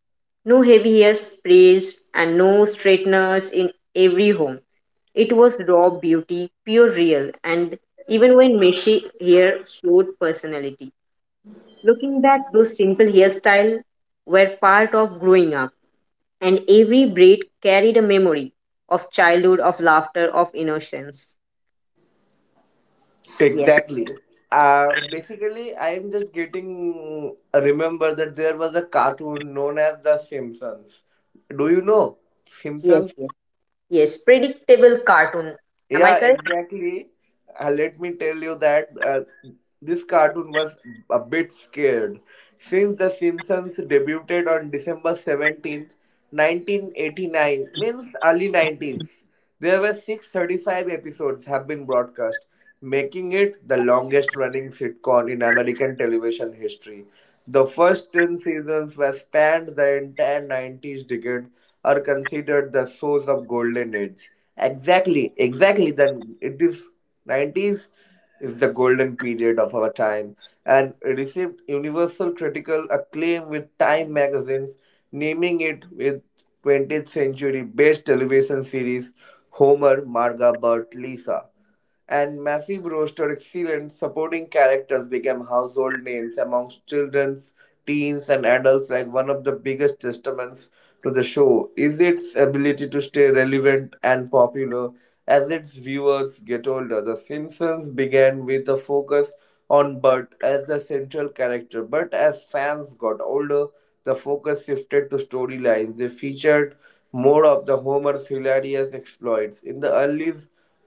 [SPEAKER 2] No heavy hair sprays and no straighteners in every home. It was raw beauty, pure real, and even when messy hair showed personality. Looking back, those simple hairstyles were part of growing up, and every braid carried a memory of childhood, of laughter, of innocence. Yes,
[SPEAKER 3] Exactly. Basically I'm just getting remember that there was a cartoon known as The Simpsons. Do you know
[SPEAKER 2] yes,
[SPEAKER 3] Simpsons?
[SPEAKER 2] yes. Yes, predictable cartoon. Am I
[SPEAKER 3] Yeah,
[SPEAKER 2] correct?
[SPEAKER 3] exactly. Let me tell you that this cartoon was a bit scared. Since The Simpsons debuted on December 17th, 1989, means early 90s, there were 635 episodes have been broadcast, making it the longest running sitcom in American television history. The first ten seasons, which spanned the entire 90s decade, are considered the source of golden age. Exactly, exactly. Then it is 90s is the golden period of our time and received universal critical acclaim, with Time magazines naming it with 20th century best television series. Homer, Marga, Bert, Lisa and massive roster excellent supporting characters became household names amongst children's, teens and adults. Like one of the biggest testaments to the show is its ability to stay relevant and popular as its viewers get older. The Simpsons began with a focus on Bert as the central character, but as fans got older, the focus shifted to storylines they featured more of the Homer's hilarious exploits. in the early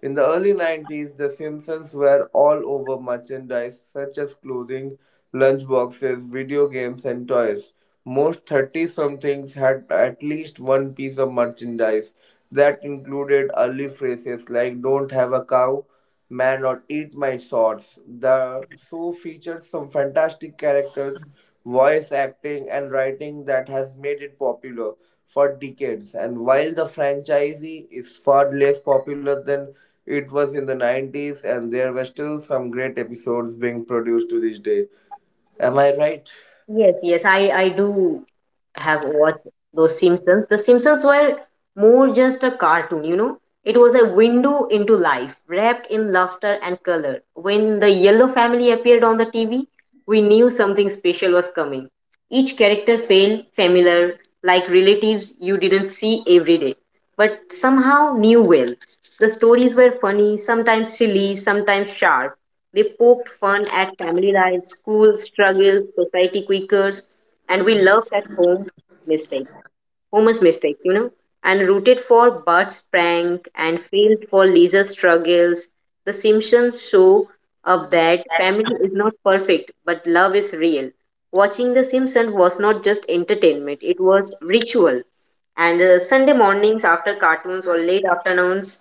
[SPEAKER 3] in the early 90s, The Simpsons were all over merchandise such as clothing, lunchboxes, video games, and toys. Most 30 somethings had at least one piece of merchandise that included early phrases like don't have a cow, Man Not Eat My Swords. The show features some fantastic characters, voice acting, and writing that has made it popular for decades. And while the franchise is far less popular than it was in the 90s, and there were still some great episodes being produced to this day. Am I right?
[SPEAKER 2] Yes, yes, I do have watched those Simpsons. The Simpsons were more just a cartoon, you know. It was a window into life, wrapped in laughter and color. When the Yellow family appeared on the TV, we knew something special was coming. Each character felt familiar, like relatives you didn't see every day, but somehow knew well. The stories were funny, sometimes silly, sometimes sharp. They poked fun at family life, school struggles, society quakers, and we loved at home mistake, Homer's mistake, and rooted for Bart's prank and failed for Lisa's struggles. The Simpsons show up that family is not perfect, but love is real. Watching The Simpsons was not just entertainment; it was ritual. And Sunday mornings after cartoons or late afternoons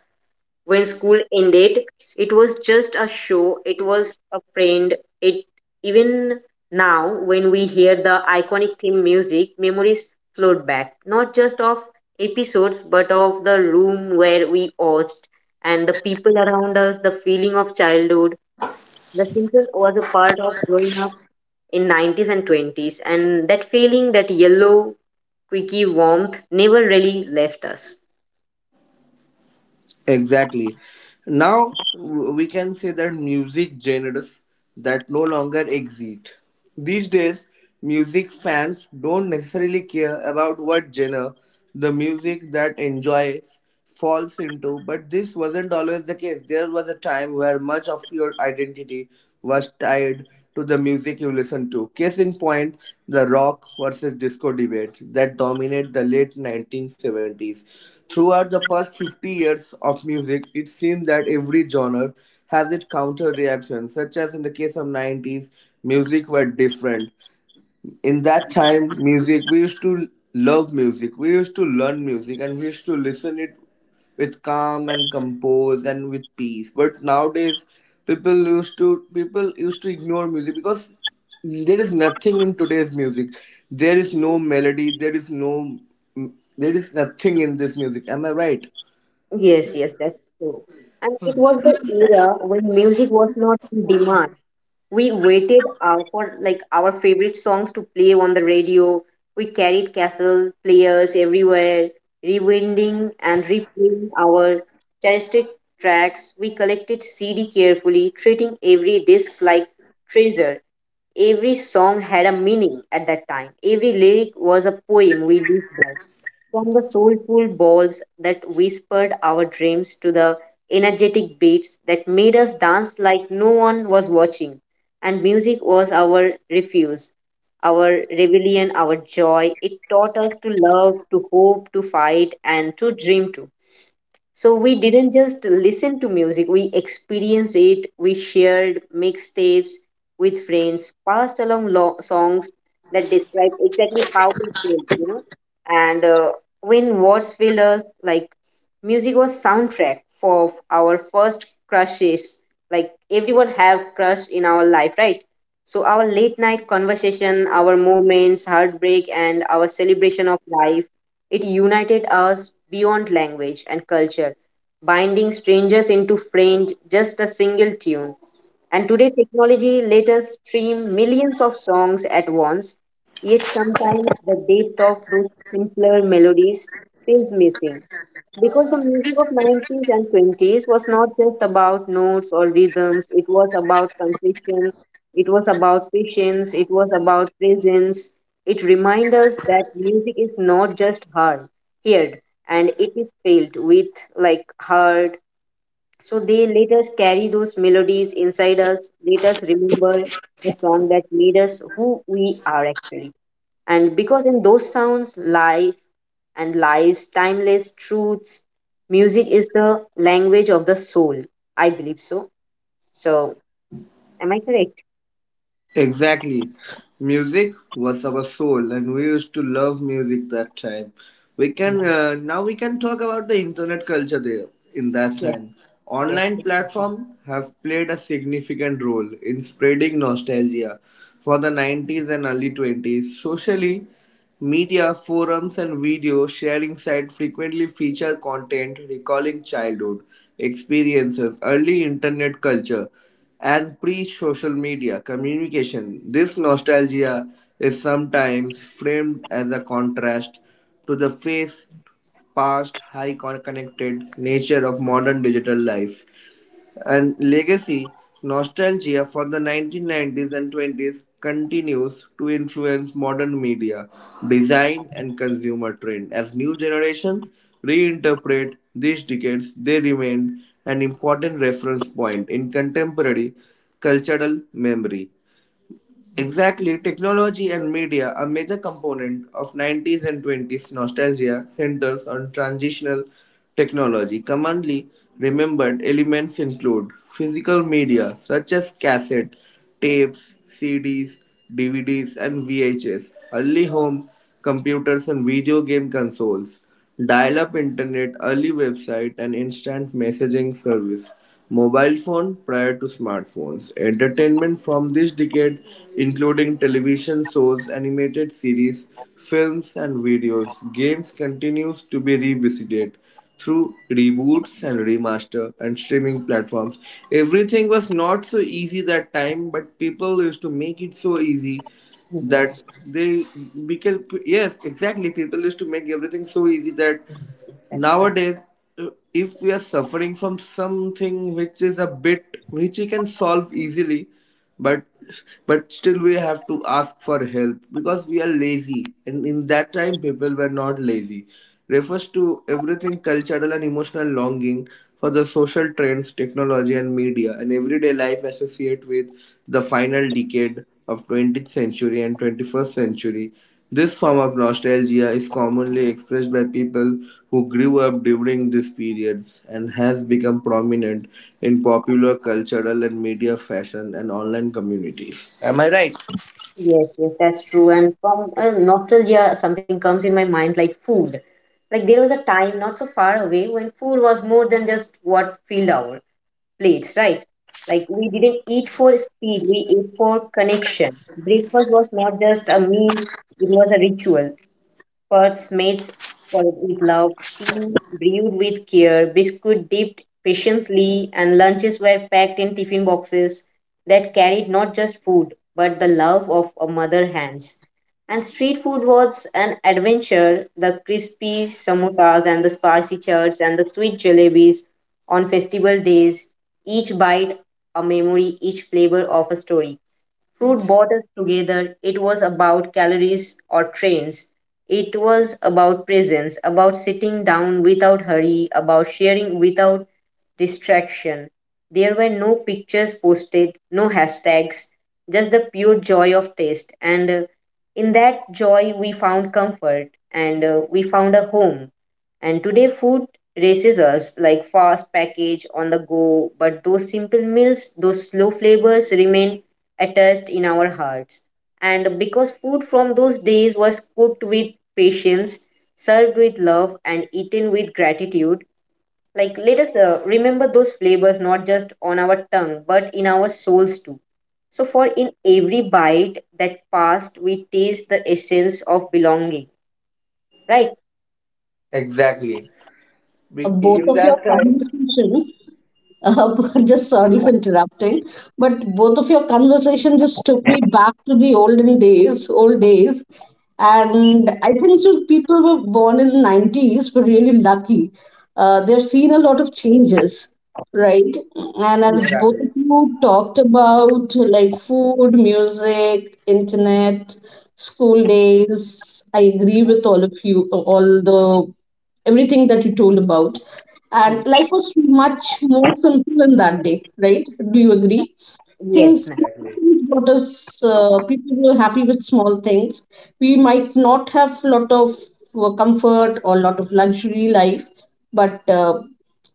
[SPEAKER 2] when school ended, it was just a show, it was a friend. It even now, when we hear the iconic theme music, memories float back, not just of episodes but of the room where we host and the people around us, the feeling of childhood. The Simpsons was a part of growing up in 90's and 20's, and that feeling, that yellow quickie warmth, never really left us.
[SPEAKER 3] Exactly. Now we can say that music genres that no longer exist. These days, music fans don't necessarily care about what genre the music that enjoys falls into, but this wasn't always the case. There was a time where much of your identity was tied to the music you listened to. Case in point, the rock versus disco debate that dominated the late 1970s. Throughout the past 50 years of music, it seems that every genre has its counter reaction, such as in the case of 90s, music were different. In that time music, we used to love music, we used to learn music, and we used to listen it with calm and compose and with peace. But nowadays people used to ignore music because there is nothing in today's music. There is no melody, there is nothing in this music. Am I right?
[SPEAKER 2] Yes, yes, that's true. And it was the era when music was not in demand. We waited out for like our favorite songs to play on the radio. We carried castle players everywhere, rewinding and replaying our cherished tracks. We collected CD carefully, treating every disc like treasure. Every song had a meaning at that time. Every lyric was a poem we lived by. From the soulful balls that whispered our dreams to the energetic beats that made us dance like no one was watching. And music was our refuge, our rebellion, our joy. It taught us to love, to hope, to fight, and to dream too. So we didn't just listen to music, we experienced it. We shared mixtapes with friends, passed along songs that describe exactly how we felt. And When words failed us, like music was soundtrack for our first crushes. Like everyone have crush in our life, right? So our late night conversation, our moments, heartbreak, and our celebration of life, it united us beyond language and culture, binding strangers into friends just a single tune. And today, technology let us stream millions of songs at once, yet sometimes the depth of those simpler melodies feels missing. Because the music of 19th and 20's was not just about notes or rhythms, it was about confession, it was about patience, it was about presence. It reminds us that music is not just heard, heard and it is felt with like heart. So they let us carry those melodies inside us, let us remember the song that made us who we are actually. And because in those sounds, life and lies, timeless truths, music is the language of the soul. I believe so. So, am I correct?
[SPEAKER 3] Exactly. Music was our soul, and we used to love music that time. We can
[SPEAKER 2] Yes,
[SPEAKER 3] Now we can talk about the internet culture there in that
[SPEAKER 2] yes,
[SPEAKER 3] time.
[SPEAKER 2] yes,
[SPEAKER 3] Online platform have played a significant role in spreading nostalgia for the 90s and early 20s. Socially, media, forums and video sharing sites frequently feature content recalling childhood experiences, early internet culture, and pre-social media communication. This nostalgia is sometimes framed as a contrast to the face past high connected nature of modern digital life and legacy. Nostalgia for the 1990s and 20s continues to influence modern media, design, and consumer trend. As new generations reinterpret these decades, they remain an important reference point in contemporary cultural memory. Exactly, technology and media, a major component of 90s and 20s nostalgia, centers on transitional technology. Commonly remembered elements include physical media such as cassette, tapes, CDs, DVDs, and VHS, early home computers and video game consoles, dial up internet, early website, and instant messaging service. Mobile phone prior to smartphones. Entertainment from this decade, including television shows, animated series, films, and videos, games continues to be revisited through reboots and remaster and streaming platforms. Everything was not so easy that time, but people used to make it so easy
[SPEAKER 2] yes,
[SPEAKER 3] that
[SPEAKER 2] yes,
[SPEAKER 3] they because yes exactly people used to make everything so easy that
[SPEAKER 2] that's correct.
[SPEAKER 3] nowadays, if we are suffering from something which is a bit which we can solve easily, but but still we have to ask for help because we are lazy, and in that time people were not lazy. Refers to everything cultural and emotional longing for the social trends, technology, and media, and everyday life associate with the final decade of 20th century and 21st century. This form of nostalgia is commonly expressed by people who grew up during these periods and has become prominent in popular cultural and media fashion and online communities. Am I right?
[SPEAKER 2] Yes, yes, that's true. And from nostalgia, something comes in my mind like food. Like there was a time not so far away when food was more than just what filled our plates, right? Like we didn't eat for speed, we ate for connection. Breakfast was not just a meal, it was a ritual. Pots made with love, tea brewed with care, biscuit dipped patiently, and lunches were packed in tiffin boxes that carried not just food but the love of a mother hands. And street food was an adventure. The crispy samosas and the spicy chats and the sweet jalebis on festival days, each bite a memory, each flavor of a story. Food brought us together. It was about calories or trains. It was about presence, about sitting down without hurry, about sharing without distraction. There were no pictures posted, no hashtags, just the pure joy of taste. And In that joy, we found comfort and we found a home. And today, food races us like fast package on the go, but those simple meals, those slow flavors remain attached in our hearts. And because food from those days was cooked with patience, served with love, and eaten with gratitude, like let us remember those flavors not just on our tongue, but in our souls too. So, for in every bite that passed, we taste the essence of belonging, right?
[SPEAKER 3] Exactly. Be-
[SPEAKER 1] Both
[SPEAKER 3] In
[SPEAKER 1] of your
[SPEAKER 3] that time,
[SPEAKER 1] conversation Uh, (laughs) just sorry for interrupting, but both of your conversation just took me back to the olden days, old days, and I think so people were born in the 90s were really lucky. They've seen a lot of changes, right? And as
[SPEAKER 2] Yes.
[SPEAKER 1] both of
[SPEAKER 3] exactly,
[SPEAKER 1] you talked about like food, music, internet, school days, I agree with all of you, all the everything that you told about. And life was much more simple in that day, right? Do you agree?
[SPEAKER 2] Yes,
[SPEAKER 1] Things,
[SPEAKER 2] ma'am.
[SPEAKER 1] small
[SPEAKER 3] exactly,
[SPEAKER 1] things brought us, people were happy with small things. We might not have lot of comfort or lot of luxury life, but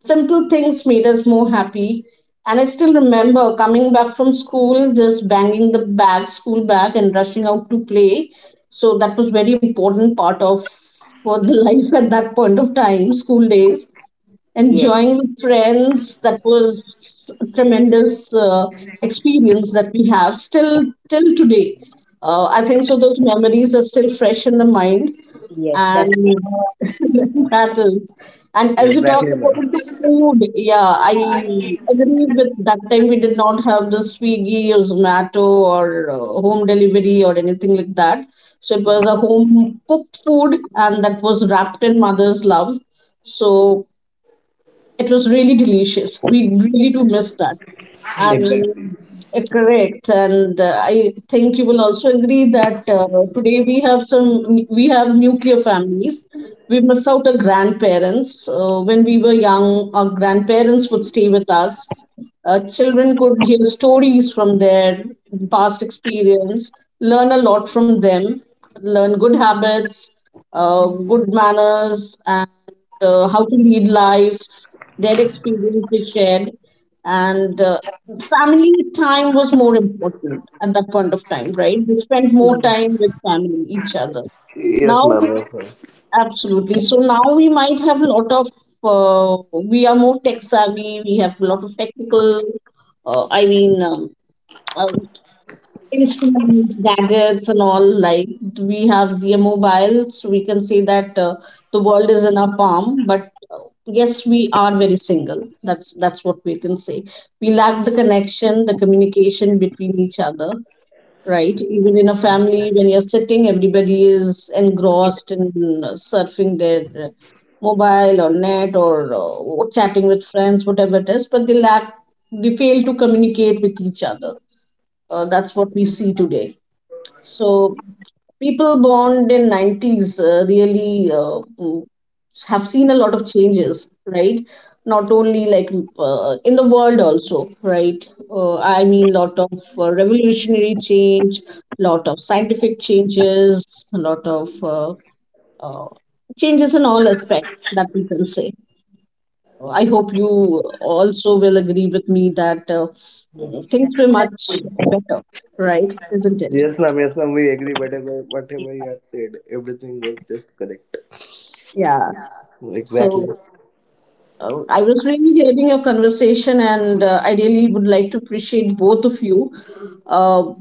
[SPEAKER 1] simple things made us more happy. And I still remember coming back from school, just banging the bag, school bag, and rushing out to play. So that was very important part of for the (laughs) life at that point of time, school days,
[SPEAKER 2] Yes.
[SPEAKER 1] enjoying with friends. That was a tremendous experience that we have still till today. I think so. Those memories are still fresh in the mind,
[SPEAKER 2] Yes, that's true.
[SPEAKER 1] and (laughs) that is. And as you talk
[SPEAKER 3] exactly,
[SPEAKER 1] about the
[SPEAKER 3] ma'am.
[SPEAKER 1] food, yeah, I agree with that time we did not have the Swiggy or Zomato or home delivery or anything like that. So it was a
[SPEAKER 2] Yes,
[SPEAKER 1] home cooked food, and that was wrapped in mother's love. So it was really delicious. We really do miss that.
[SPEAKER 2] yes,
[SPEAKER 1] And
[SPEAKER 3] Exactly.
[SPEAKER 1] correct, and i think you will also agree that today we have some we have nuclear families. We miss out our grandparents. When we were young, our grandparents would stay with us. Children could hear stories from their past experience, learn a lot from them, learn good habits, good manners, and how to lead life. Their experience they shared, and family time was more important at that point of time, right? We spent more
[SPEAKER 2] yes,
[SPEAKER 1] time with family, each other
[SPEAKER 3] Yes,
[SPEAKER 1] now.
[SPEAKER 3] ma'am. Yes, ma'am.
[SPEAKER 1] Absolutely. So now we might have a lot of uh, we are more tech savvy, we have a lot of technical uh, i mean um, uh, instruments, gadgets, and all. Like we have the mobiles, we can say that the world is in our palm. But yes, we are very single. That's what we can say. We lack the connection, the communication between each other, right? Even in a family, when you're sitting, everybody is engrossed in surfing their mobile or net or chatting with friends, whatever it is, but they fail to communicate with each other. That's what we see today. So people born in 90s have seen a lot of changes, right? Not only like in the world also, right? Lot of revolutionary change, lot of scientific changes, a lot of uh, changes in all aspects that we can say. I hope you also will agree with me that
[SPEAKER 2] yes.
[SPEAKER 1] things were
[SPEAKER 2] That's
[SPEAKER 1] much
[SPEAKER 2] good.
[SPEAKER 1] better, right? Isn't it?
[SPEAKER 3] Yes, ma'am. Yes, ma'am. We agree. Whatever,
[SPEAKER 2] Yes,
[SPEAKER 3] whatever you have said, everything was just correct.
[SPEAKER 1] Yeah.
[SPEAKER 3] Exactly.
[SPEAKER 1] So I was really having a conversation, and I really would like to appreciate both of you. Uh,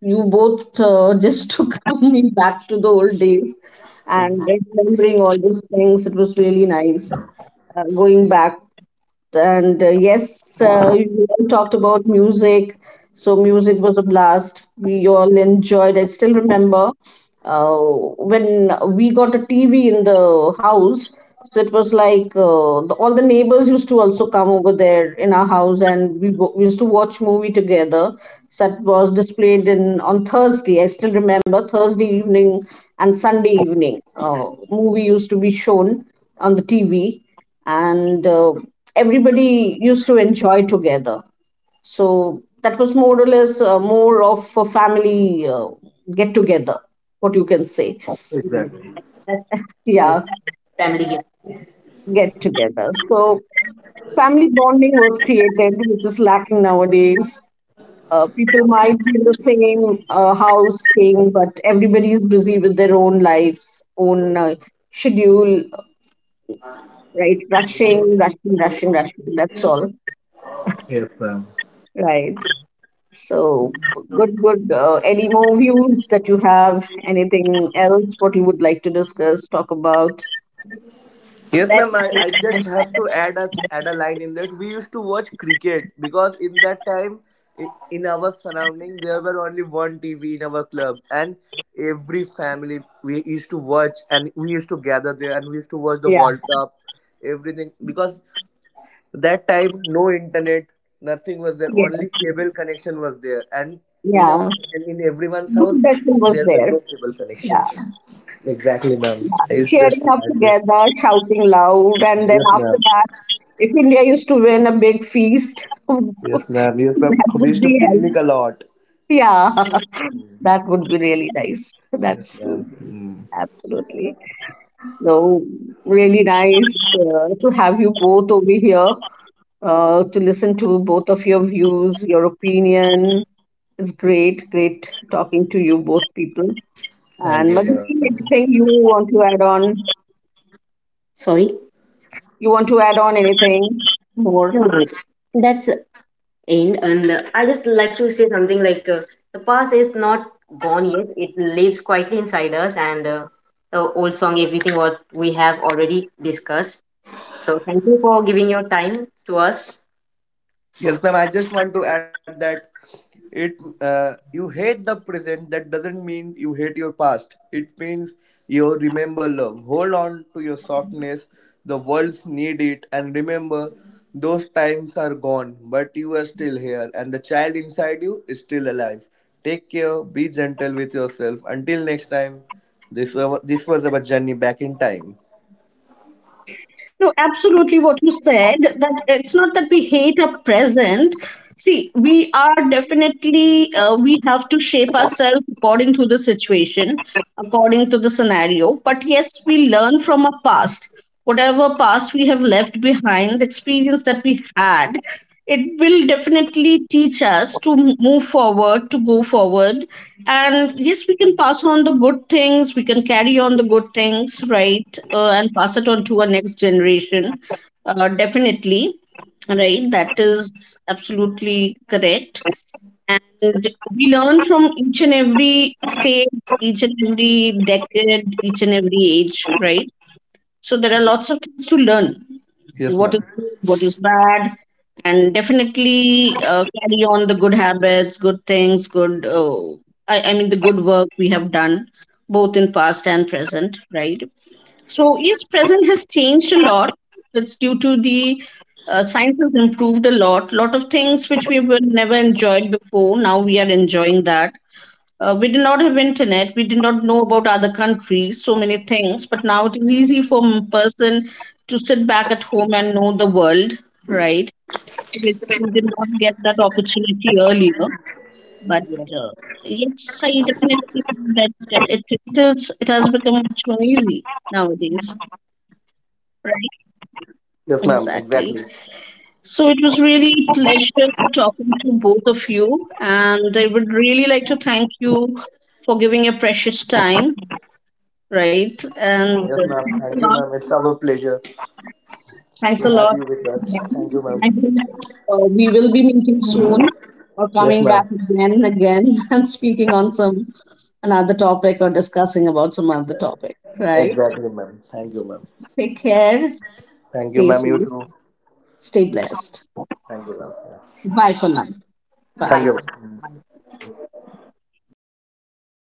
[SPEAKER 1] you both just (laughs) took me back to the old days, and remembering all those things. It was really nice going back. And yes, you all talked about music, so music was a blast. We all enjoyed. I still remember when we got a TV in the house. So it was like all the neighbors used to also come over there in our house, and we used to watch movie together. So that was displayed in on Thursday. I still remember Thursday evening and Sunday evening. Movie used to be shown on the TV, and everybody used to enjoy together. So that was more or less more of a family get together, what you can say.
[SPEAKER 2] yes,
[SPEAKER 3] Exactly.
[SPEAKER 2] that's
[SPEAKER 1] (laughs)
[SPEAKER 2] correct.
[SPEAKER 1] Yeah,
[SPEAKER 2] Family gift.
[SPEAKER 1] get together. So family bonding was created, which is lacking nowadays. People might be in the same house staying, but everybody is busy with their own lives, own schedule, right? Rushing, rushing, rushing, rushing. That's all,
[SPEAKER 3] Yes, ma'am.
[SPEAKER 1] right? So good, good. Any more views that you have? Anything else what you would like to discuss, talk about?
[SPEAKER 3] Yes,
[SPEAKER 2] That's
[SPEAKER 3] ma'am. I just have to add a line in that we used to watch cricket, because in that time i- in our surrounding there were only one TV in our club, and every family we used to watch, and we used to gather there and we used to watch the
[SPEAKER 1] Yeah.
[SPEAKER 3] World Cup, everything. Because that time no internet, nothing was there.
[SPEAKER 1] Yes.
[SPEAKER 3] Only cable connection was there, and in our
[SPEAKER 1] Yeah.
[SPEAKER 3] and in everyone's
[SPEAKER 1] Good
[SPEAKER 3] house
[SPEAKER 1] discussion was
[SPEAKER 3] there were
[SPEAKER 1] there.
[SPEAKER 3] no cable
[SPEAKER 1] Yeah.
[SPEAKER 3] connections. Exactly, ma'am. I used just
[SPEAKER 1] Cheering
[SPEAKER 3] to
[SPEAKER 1] up
[SPEAKER 3] add this.
[SPEAKER 1] together, shouting loud, and then
[SPEAKER 3] Yes,
[SPEAKER 1] after
[SPEAKER 3] ma'am.
[SPEAKER 1] that, if India used to win, a big feast, (laughs)
[SPEAKER 3] Yes,
[SPEAKER 1] that
[SPEAKER 3] ma'am. Yes, ma'am. We
[SPEAKER 1] would
[SPEAKER 3] used to
[SPEAKER 1] be hell.
[SPEAKER 3] picnic a lot.
[SPEAKER 1] Yeah, (laughs) that would be really nice.
[SPEAKER 3] Yes,
[SPEAKER 1] That's true.
[SPEAKER 3] ma'am.
[SPEAKER 1] Absolutely. So really nice to have you both over here, to listen to both of your views, your opinion. It's great, great talking to you both people. And
[SPEAKER 3] Yes,
[SPEAKER 1] Madhuri,
[SPEAKER 3] ma'am.
[SPEAKER 1] anything you want to add on?
[SPEAKER 2] sorry.
[SPEAKER 1] You want to add on anything more?
[SPEAKER 2] No, no. That's end. And I just like to say something like the past is not gone yet. It lives quietly inside us, and the old song, everything what we have already discussed. So thank you for giving your time to us.
[SPEAKER 3] Yes, ma'am. I just want to add that it you hate the present. That doesn't mean you hate your past. It means you remember love. Hold on to your softness. The world's need it, and remember those times are gone, but you are still here, and the child inside you is still alive. Take care. Be gentle with yourself. Until next time. This was our journey back in time.
[SPEAKER 1] No, absolutely what you said, that it's not that we hate our present. See, we are definitely, we have to shape ourselves according to the situation, according to the scenario. But yes, we learn from our past. Whatever past we have left behind, the experience that we had, it will definitely teach us to move forward, to go forward. And yes, we can pass on the good things, we can carry on the good things, right? And pass it on to our next generation, definitely, right? That is absolutely correct. And we learn from each and every stage, each and every decade, each and every age, right? So there are lots of things to learn,
[SPEAKER 3] Yes,
[SPEAKER 1] what is
[SPEAKER 3] ma'am.
[SPEAKER 1] good, what is bad. And definitely carry on the good habits, good things, good. Uh, I mean, the good work we have done, both in past and present, right? So yes, present has changed a lot. It's due to the science has improved a lot. Lot of things which we were never enjoyed before, now we are enjoying that. We did not have internet. We did not know about other countries. So many things. But now it is easy for a person to sit back at home and know the world, right? Which we did not get that opportunity earlier. But
[SPEAKER 2] Yes,
[SPEAKER 1] uh, yes, I definitely think that it has become much more easy nowadays,
[SPEAKER 3] Yes, ma'am,
[SPEAKER 1] right?
[SPEAKER 3] exactly. Yes,
[SPEAKER 1] Exactly. So it was really a pleasure talking to both of you, and I would really like to thank you for giving your precious time, right? And
[SPEAKER 2] thank
[SPEAKER 3] ma'am.
[SPEAKER 1] uh,
[SPEAKER 2] you.
[SPEAKER 3] Thank
[SPEAKER 1] thanks
[SPEAKER 3] you,
[SPEAKER 1] a
[SPEAKER 3] ma'am.
[SPEAKER 1] lot.
[SPEAKER 3] It's our pleasure to
[SPEAKER 1] Thanks a
[SPEAKER 3] have you
[SPEAKER 1] lot.
[SPEAKER 3] with us. Thank you, ma'am.
[SPEAKER 1] I think, we will be meeting soon or
[SPEAKER 3] Yes,
[SPEAKER 1] coming back
[SPEAKER 3] ma'am.
[SPEAKER 1] again and again (laughs) and speaking on some another topic or discussing about some other topic, right?
[SPEAKER 3] Exactly, ma'am. Thank you, ma'am.
[SPEAKER 1] Take care,
[SPEAKER 3] Thank you,
[SPEAKER 1] stay
[SPEAKER 3] ma'am. You
[SPEAKER 1] safe,
[SPEAKER 3] too.
[SPEAKER 1] stay blessed.
[SPEAKER 3] Thank you, ma'am. Yeah.
[SPEAKER 1] Bye for now. Bye.
[SPEAKER 3] Thank
[SPEAKER 2] Bye.
[SPEAKER 3] you.
[SPEAKER 2] Bye.